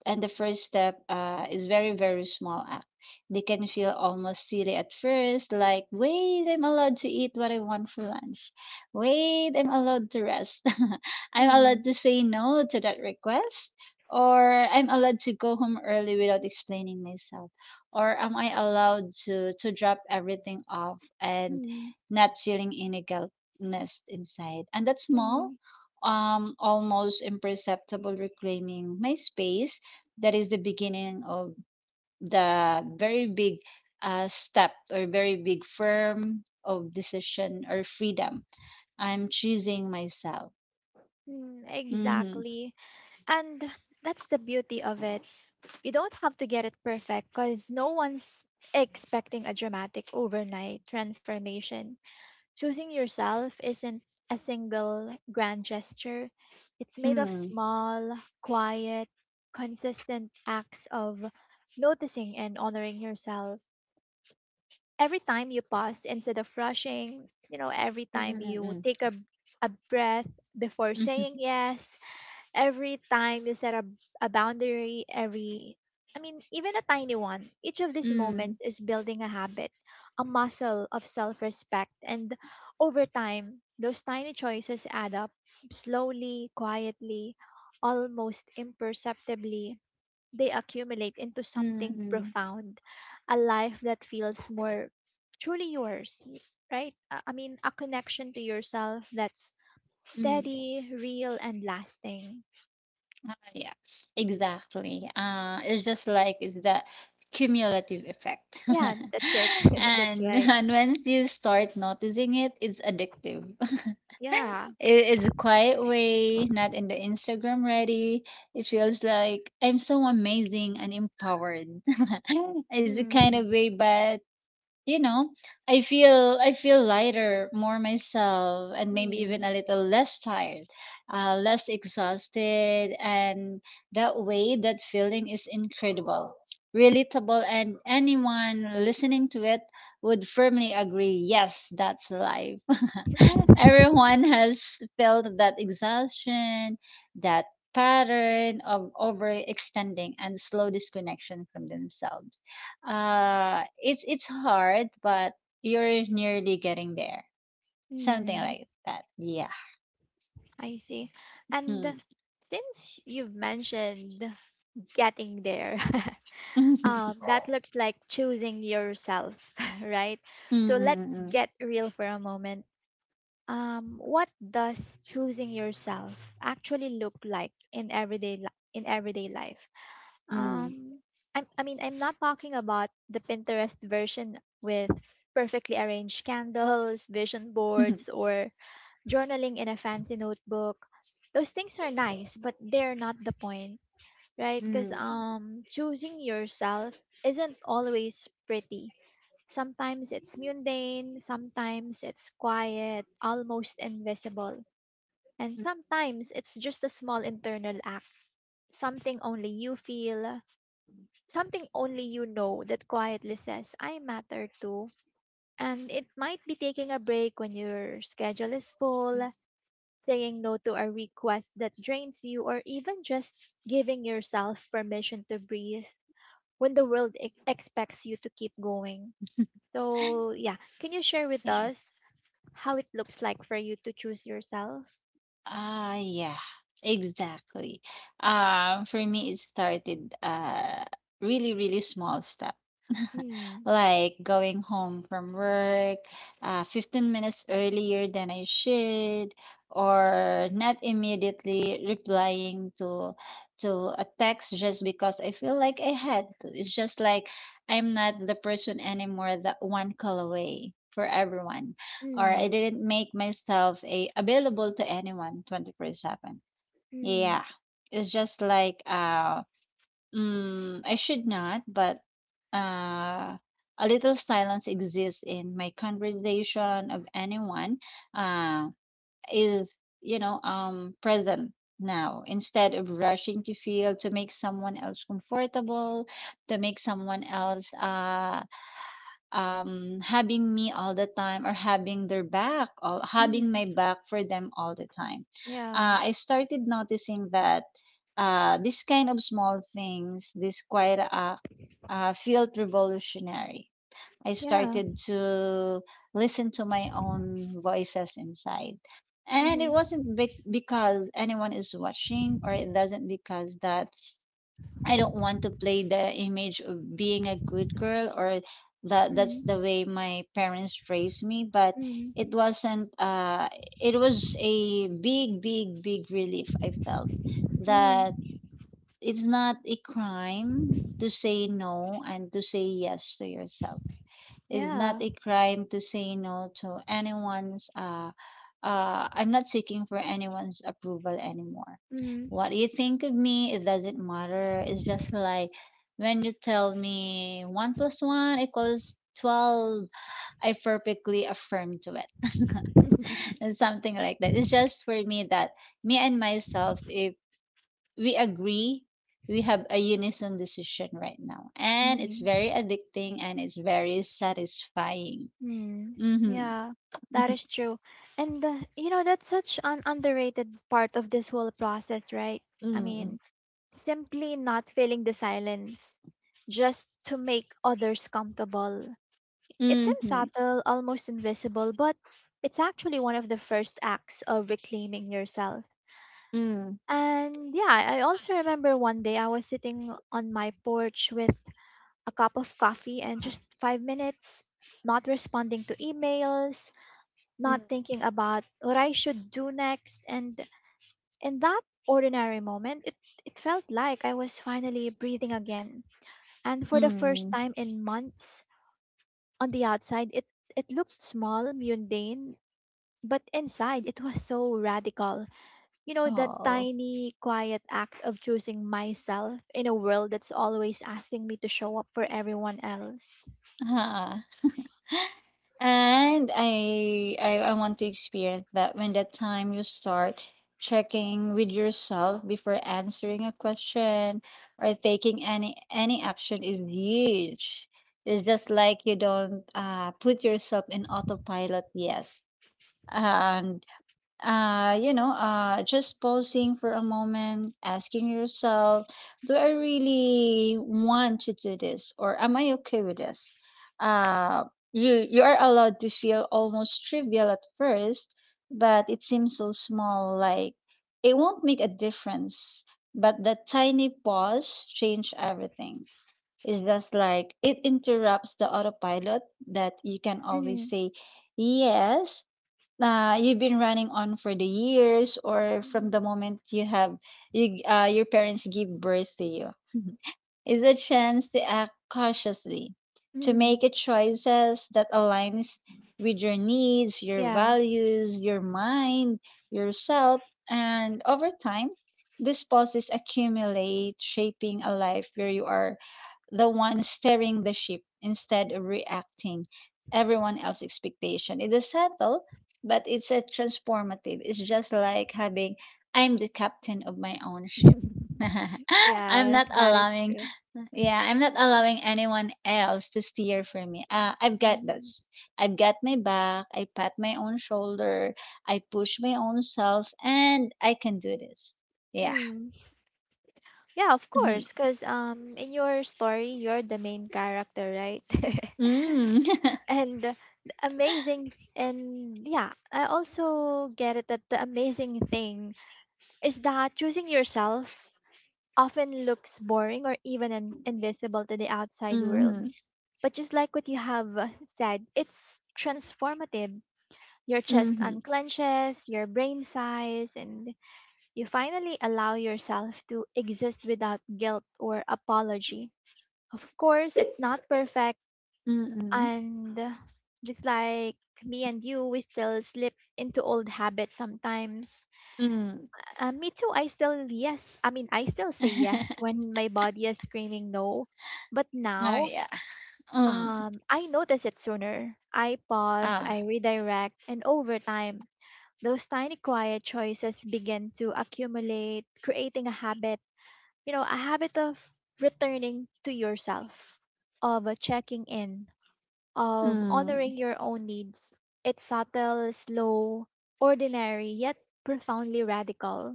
Speaker 2: and the first step is very small act, they can feel almost silly at first, like wait, I'm allowed to eat what I want for lunch, wait, I'm allowed to rest, I'm
Speaker 1: mm,
Speaker 2: allowed to say no to that request or I'm allowed to go home early without explaining myself, or am I allowed to drop everything off and
Speaker 1: mm,
Speaker 2: not feeling any guiltness inside. And that's small,
Speaker 1: mm,
Speaker 2: almost imperceptible reclaiming my space. That is the beginning of the very big step or very big firm of decision or freedom. I'm choosing myself.
Speaker 1: mm.
Speaker 2: Mm-hmm.
Speaker 1: Exactly. And that's the beauty of it. You don't have to get it perfect because no one's expecting a dramatic overnight transformation. Choosing yourself isn't a single grand gesture, it's made of
Speaker 2: Mm-hmm.
Speaker 1: small, quiet, consistent acts of noticing and honoring yourself. Every time you pause instead of rushing, you know, every time you take a breath before saying yes, every time you set a boundary, even a tiny one, each of these
Speaker 2: Mm-hmm.
Speaker 1: moments is building a habit, a muscle of self respect. And over time, those tiny choices add up slowly, quietly, almost imperceptibly. They accumulate into something
Speaker 2: Mm-hmm.
Speaker 1: profound, a life that feels more truly yours, right? A connection to yourself that's
Speaker 2: Mm-hmm.
Speaker 1: steady, real, and lasting.
Speaker 2: Yeah, exactly. It's just like it's the cumulative effect.
Speaker 1: Yeah, that's it. That's
Speaker 2: and,
Speaker 1: right.
Speaker 2: and once you start noticing it, it's addictive.
Speaker 1: Yeah.
Speaker 2: It is a quiet way, not in the Instagram ready. It feels like I'm so amazing and empowered. It's the kind
Speaker 1: Mm.
Speaker 2: of way, but you know, I feel lighter, more myself, and maybe even
Speaker 1: Mm.
Speaker 2: a little less tired, less exhausted, and that way, that feeling is incredible, relatable, and anyone listening to it would firmly agree. Yes, that's life. Everyone has felt that exhaustion, that pattern of overextending and slow disconnection from themselves. It's hard, but you're nearly getting there. Something
Speaker 1: Mm.
Speaker 2: like that. Yeah.
Speaker 1: I see. And
Speaker 2: Mm.
Speaker 1: since you've mentioned getting there, that looks like choosing yourself, right?
Speaker 2: Mm,
Speaker 1: So let's
Speaker 2: mm,
Speaker 1: get real for a moment. What does choosing yourself actually look like in everyday life?
Speaker 2: mm,
Speaker 1: Um, I'm not talking about the Pinterest version with perfectly arranged candles, vision
Speaker 2: mm,
Speaker 1: boards, or journaling in a fancy notebook. Those things are nice, but they're not the point, right? Because
Speaker 2: mm,
Speaker 1: choosing yourself isn't always pretty. Sometimes it's mundane, sometimes it's quiet, almost invisible. And sometimes it's just a small internal act, something only you feel, something only you know that quietly says, I matter too. And it might be taking a break when your schedule is
Speaker 2: mm,
Speaker 1: full, saying no to a request that drains you, or even just giving yourself permission to breathe when the world expects you to keep going. So, yeah, can you share with
Speaker 2: mm.
Speaker 1: us how it looks like for you to choose yourself?
Speaker 2: Ah, yeah, exactly. For me, it started really, really small step.
Speaker 1: Mm,
Speaker 2: Like going home from work 15 minutes earlier than I should, or not immediately replying to to a text just because I feel like I had to. It's just like I'm not the person anymore that one call away for everyone, or I
Speaker 1: mm,
Speaker 2: didn't make myself a available to anyone 24/7.
Speaker 1: mm,
Speaker 2: Yeah. It's just like mm, I should not, but uh a little silence exists in my conversation of anyone uh is, you know, present now, instead of rushing to feel to make someone else comfortable, to make someone else having me all the time or having their back, all having
Speaker 1: mm.
Speaker 2: my back for them all the time.
Speaker 1: Yeah,
Speaker 2: I started noticing that this kind of small things, this quiet act, felt revolutionary. I
Speaker 1: yeah.
Speaker 2: started to listen to my own voices inside, and it
Speaker 1: Mm,
Speaker 2: wasn't because anyone is watching or it doesn't because that I don't want to play the image of being a good girl or that that's the
Speaker 1: mm,
Speaker 2: way my parents raised me, but
Speaker 1: mm,
Speaker 2: it wasn't it was a big relief. I felt that
Speaker 1: mm.
Speaker 2: it's not a crime to say no and to say yes to yourself. It's not
Speaker 1: Yeah.
Speaker 2: a crime to say no to anyone's I'm not seeking for anyone's approval anymore.
Speaker 1: Mhm.
Speaker 2: What you think of me, it doesn't matter. It's just like when you tell me one plus one equals 12, I perfectly affirm to it. And something like that. It's just for me that me and myself, if we agree we have a unison decision right now, and it's
Speaker 1: Mhm.
Speaker 2: very addicting and it's very satisfying.
Speaker 1: Mm.
Speaker 2: Mm-hmm.
Speaker 1: Yeah, that is true. And you know, that's such an underrated part of this whole process, right? I mean, simply not filling the silence just to make others comfortable. It
Speaker 2: Mm-hmm.
Speaker 1: seems
Speaker 2: Mm-hmm.
Speaker 1: subtle, almost invisible, but it's actually one of the first acts of reclaiming yourself.
Speaker 2: Mm-hmm.
Speaker 1: And yeah, I also remember one day I was sitting on my porch with a cup of coffee and just 5 minutes, not responding to emails, not
Speaker 2: Mm-hmm.
Speaker 1: thinking about what I should do next. And in that ordinary moment, it felt like I was finally breathing again. And for the first
Speaker 2: Mm-hmm.
Speaker 1: time in months, on the outside, it looked small, mundane, but inside, it was so radical. You know, that
Speaker 2: Oh.
Speaker 1: tiny, quiet act of choosing myself in a world that's always asking me to show up for everyone else.
Speaker 2: Uh-huh. And I want to experience that. When that time you start checking with yourself before answering a question or taking any action is huge. It's just like you don't put yourself in autopilot. Yes, and you know, just pausing for a moment, asking yourself, do I really want to do this, or am I okay with this? uh you you are allowed to feel almost trivial at first, but it seems so small like it won't make a difference. But that tiny pause change everything. It's just like it interrupts the autopilot that you can always
Speaker 1: Mm.
Speaker 2: say yes. Uh, you've been running on for the years, or from the moment you have your parents give birth to you, is a chance to act cautiously, to
Speaker 1: Mhm.
Speaker 2: make a choices that aligns with your needs, your
Speaker 1: Yeah.
Speaker 2: values, your mind, yourself. And over time, these pauses accumulate, shaping a life where you are the one steering the ship instead of reacting everyone else's expectation. It is subtle, but it's a transformative. It's just like having I'm the captain of my own ship. I'm
Speaker 1: Yes,
Speaker 2: not
Speaker 1: that is
Speaker 2: allowing
Speaker 1: true.
Speaker 2: yeah, I'm not allowing anyone else to steer for me. I've got
Speaker 1: Mhm.
Speaker 2: this. I've got my back. I pat my own shoulder. I push my own self, and I can do this. Yeah.
Speaker 1: Mm. Yeah, of
Speaker 2: Mm-hmm.
Speaker 1: course, because in your story, you're the main character, right?
Speaker 2: Mm-hmm.
Speaker 1: And yeah, I also get it that the amazing thing is that choosing yourself often looks boring or even invisible to the outside world. But just like what you have said, it's transformative. Your chest
Speaker 2: Mm-hmm.
Speaker 1: unclenches, your brain sighs, and you finally allow yourself to exist without guilt or apology. Of course, it's not perfect,
Speaker 2: Mm,
Speaker 1: and just like me and you, we still slip into old habits sometimes.
Speaker 2: mm.
Speaker 1: Me too. I still, yes, I still say yes when my body is screaming no. But
Speaker 2: Oh,
Speaker 1: now,
Speaker 2: yeah. Mm.
Speaker 1: I notice it sooner. I pause, I
Speaker 2: Ah.
Speaker 1: redirect, and over time, those tiny quiet choices begin to accumulate, creating a habit a habit of returning to yourself, of checking in, of
Speaker 2: Mm.
Speaker 1: honoring your own needs. It's subtle, slow, ordinary, yet profoundly radical.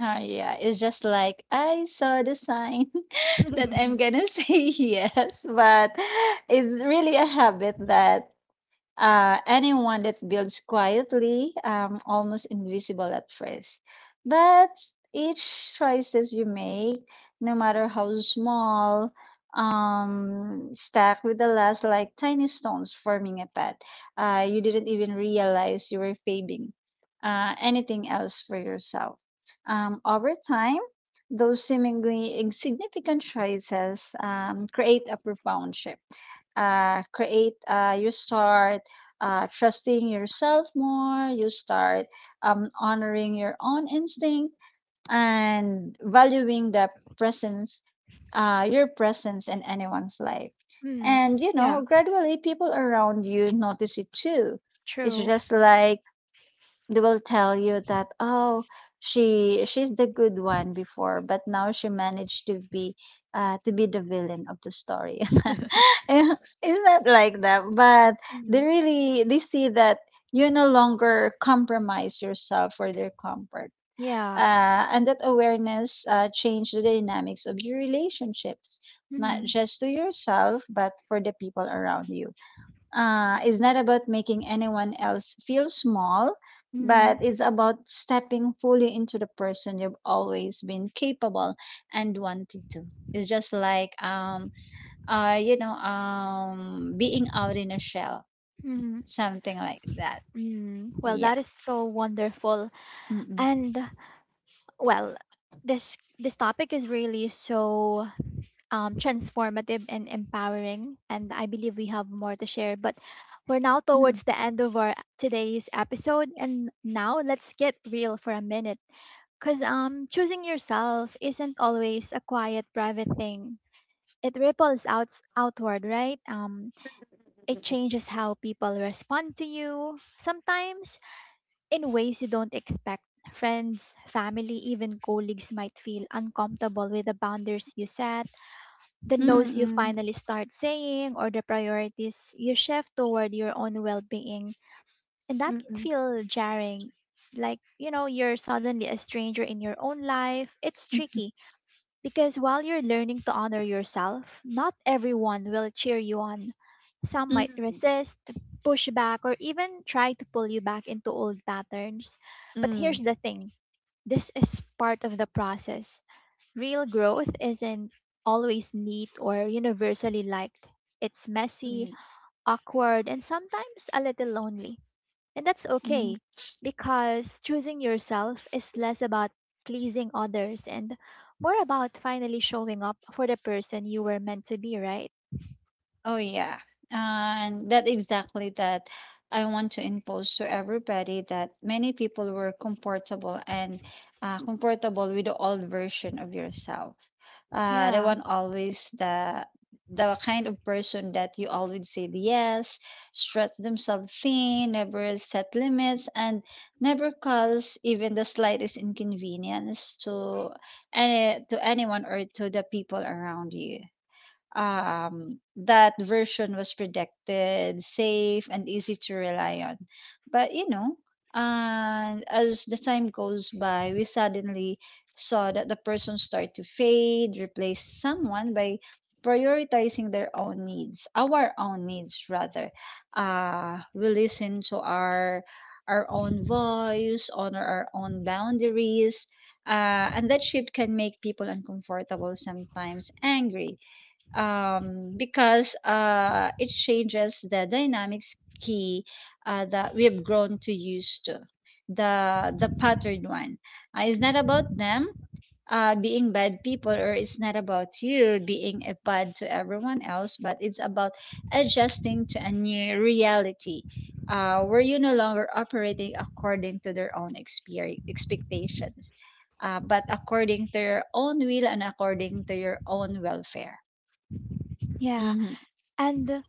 Speaker 2: Oh, yeah. It's just like I saw the sign that I'm gonna say yes, but it's really a habit that anyone that builds quietly, almost invisible at first. But each choices you make, no matter how small, stack with the last like tiny stones forming a path. You didn't even realize you were paving anything else for yourself. Over time, those seemingly insignificant choices create a profound shift create you start trusting yourself more, you start honoring your own instinct and valuing the presence, your presence in anyone's life.
Speaker 1: Hmm.
Speaker 2: And you
Speaker 1: Yeah.
Speaker 2: know, gradually people around you notice it too. It's
Speaker 1: True.
Speaker 2: just like they will tell you that, oh, she's the good one before, but now she managed to be to be the villain of the story. Eh, it's not like that, but they
Speaker 1: Mhm.
Speaker 2: really they see that you no longer compromise yourself for their comfort.
Speaker 1: Yeah.
Speaker 2: And that awareness changed the dynamics of your relationships, not
Speaker 1: Mm-hmm.
Speaker 2: just to yourself, but for the people around you. It's not about making anyone else feel small, but
Speaker 1: Mm-hmm.
Speaker 2: it's about stepping fully into the person you've always been capable and wanted to. It's just like being out in a shell,
Speaker 1: Mm-hmm.
Speaker 2: something like that.
Speaker 1: Mm. Well,
Speaker 2: Yeah.
Speaker 1: that is so wonderful.
Speaker 2: Mm-mm.
Speaker 1: And well, this topic is really so transformative and empowering. And I believe we have more to share. But we're now
Speaker 2: Mm-mm.
Speaker 1: towards the end of our today's episode. And now let's get real for a minute. Because choosing yourself isn't always a quiet, private thing. It ripples out outward, right? It changes how people respond to you, sometimes in ways you don't expect. Friends, family, even colleagues might feel uncomfortable with the boundaries you set, the no's you
Speaker 2: Mm-mm.
Speaker 1: finally start saying, or the priorities you shift toward your own well-being. And that can
Speaker 2: Mm-mm.
Speaker 1: feel jarring, like you know you're suddenly a stranger in your own life. It's
Speaker 2: Mm-mm.
Speaker 1: tricky because while you're learning to honor yourself, not everyone will cheer you on. Some might resist, push back, or even try to pull you back into old patterns. But here's
Speaker 2: Mm-mm.
Speaker 1: the thing, this is part of the process. Real growth isn't always neat or universally liked. It's messy, awkward, and sometimes a little lonely. And that's
Speaker 2: Mm-mm.
Speaker 1: okay, because choosing yourself is less about pleasing others and more about finally showing up for the person you were meant to be, right?
Speaker 2: Oh yeah. And that exactly that I want to impose to everybody that many people were comfortable and comfortable with the old version of yourself. The
Speaker 1: Yeah,
Speaker 2: one always the kind of person that you always say yes, stretch themselves thin, never set limits, and never cause even the slightest inconvenience to anyone or to the people around you that version was predicted, safe, and easy to rely on. But you know, and as the time goes by, we suddenly saw that the person start to fade, replace someone by prioritizing their own needs, our own needs rather. We listen to our own voice, honor our own boundaries, and that shift can make people uncomfortable sometimes, angry because it changes the dynamics key that we've grown to used to the pattern one it's not about them being bad people or it's not about you being a bad to everyone else but it's about adjusting to a new reality where you no longer operating according to their own expectations but according to your own will and according to your own welfare.
Speaker 1: yeah.
Speaker 2: Mm-hmm.
Speaker 1: And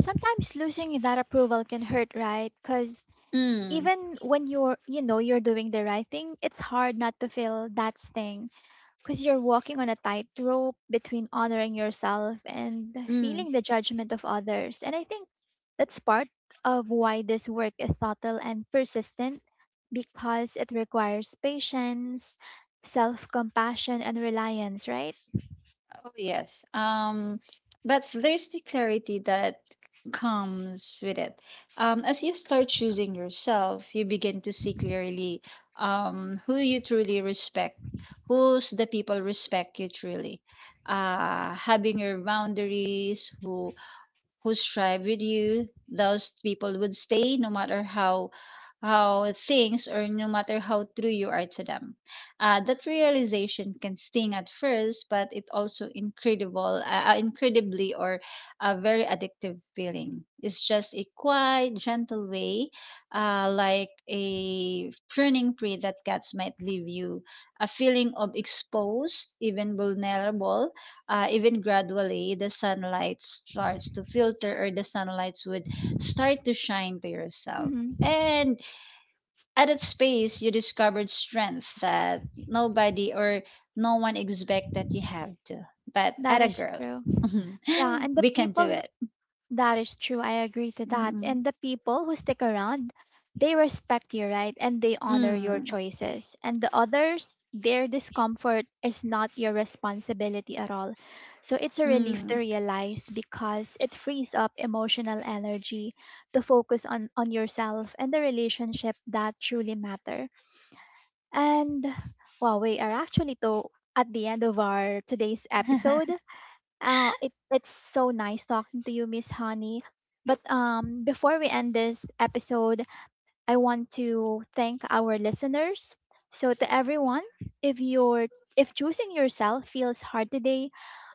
Speaker 1: sometimes losing that approval can hurt, right? Because
Speaker 2: Mm,
Speaker 1: even when you're, you know, you're doing the right thing, it's hard not to feel that sting, because you're walking on a tightrope between honoring yourself and
Speaker 2: mm.
Speaker 1: feeling the judgment of others. And I think that's part of why this work is subtle and persistent, because it requires patience, self compassion, and reliance, right?
Speaker 2: Oh, yes. But there's the clarity that comes with it. As you start choosing yourself, you begin to see clearly who you truly respect, who's the people respect you truly. Having your boundaries, who strive with you, those people would stay no matter how things or no matter how true you are to them. That realization can sting at first, but it also incredible, incredibly or a very addictive feeling. It's just a quiet, gentle way, like a pruning tree that cats might leave you, a feeling of exposed, even vulnerable, even gradually the sunlight starts to filter or the sunlight would start to shine to yourself
Speaker 1: Hmm.
Speaker 2: and at that space you discovered strength that nobody or no one expect that you have to but
Speaker 1: That
Speaker 2: at a
Speaker 1: is
Speaker 2: girl
Speaker 1: true. Yeah, and the
Speaker 2: we can do
Speaker 1: people,
Speaker 2: it.
Speaker 1: that is true. I agree to that. And
Speaker 2: Mhm.
Speaker 1: the people who stick around, they respect you, right? And they honor your
Speaker 2: Mm,
Speaker 1: choices. And the others, their discomfort is not your responsibility at all. So it's a relief to
Speaker 2: mm.
Speaker 1: realize, because it frees up emotional energy to focus on yourself and the relationship that truly matter. And wow, we are actually to at the end of our today's episode. Oh, it's so nice talking to you, Miss Honey. But before we end this episode, I want to thank our listeners. So to everyone, if you're, if choosing yourself feels hard today,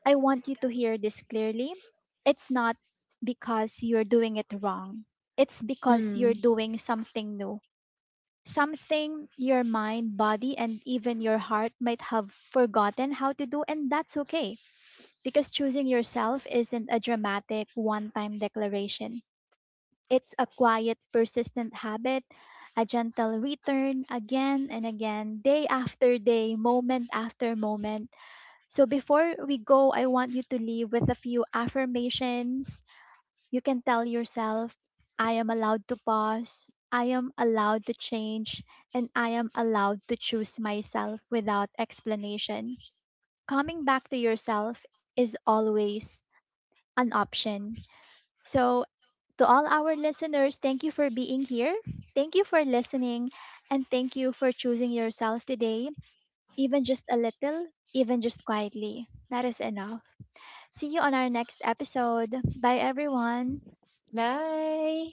Speaker 1: I want you to hear this clearly. It's not because you're doing it wrong. It's because you're
Speaker 2: Mm.
Speaker 1: doing something new. Something your mind, body, and even your heart might have forgotten how to do, and that's okay, because choosing yourself isn't a dramatic one time declaration, it's a quiet, persistent habit, a gentle return again and again, day after day, moment after moment. So before we go, I want you to leave with a few affirmations. You can tell yourself, I am allowed to pause. I am allowed to change, and I am allowed to choose myself without explanation. Coming back to yourself is always an option. So, to all our listeners, thank you for being here. Thank you for listening. And thank you for choosing yourself today, even just a little, even just quietly. That is enough. See you on our next episode. Bye, everyone.
Speaker 2: Bye.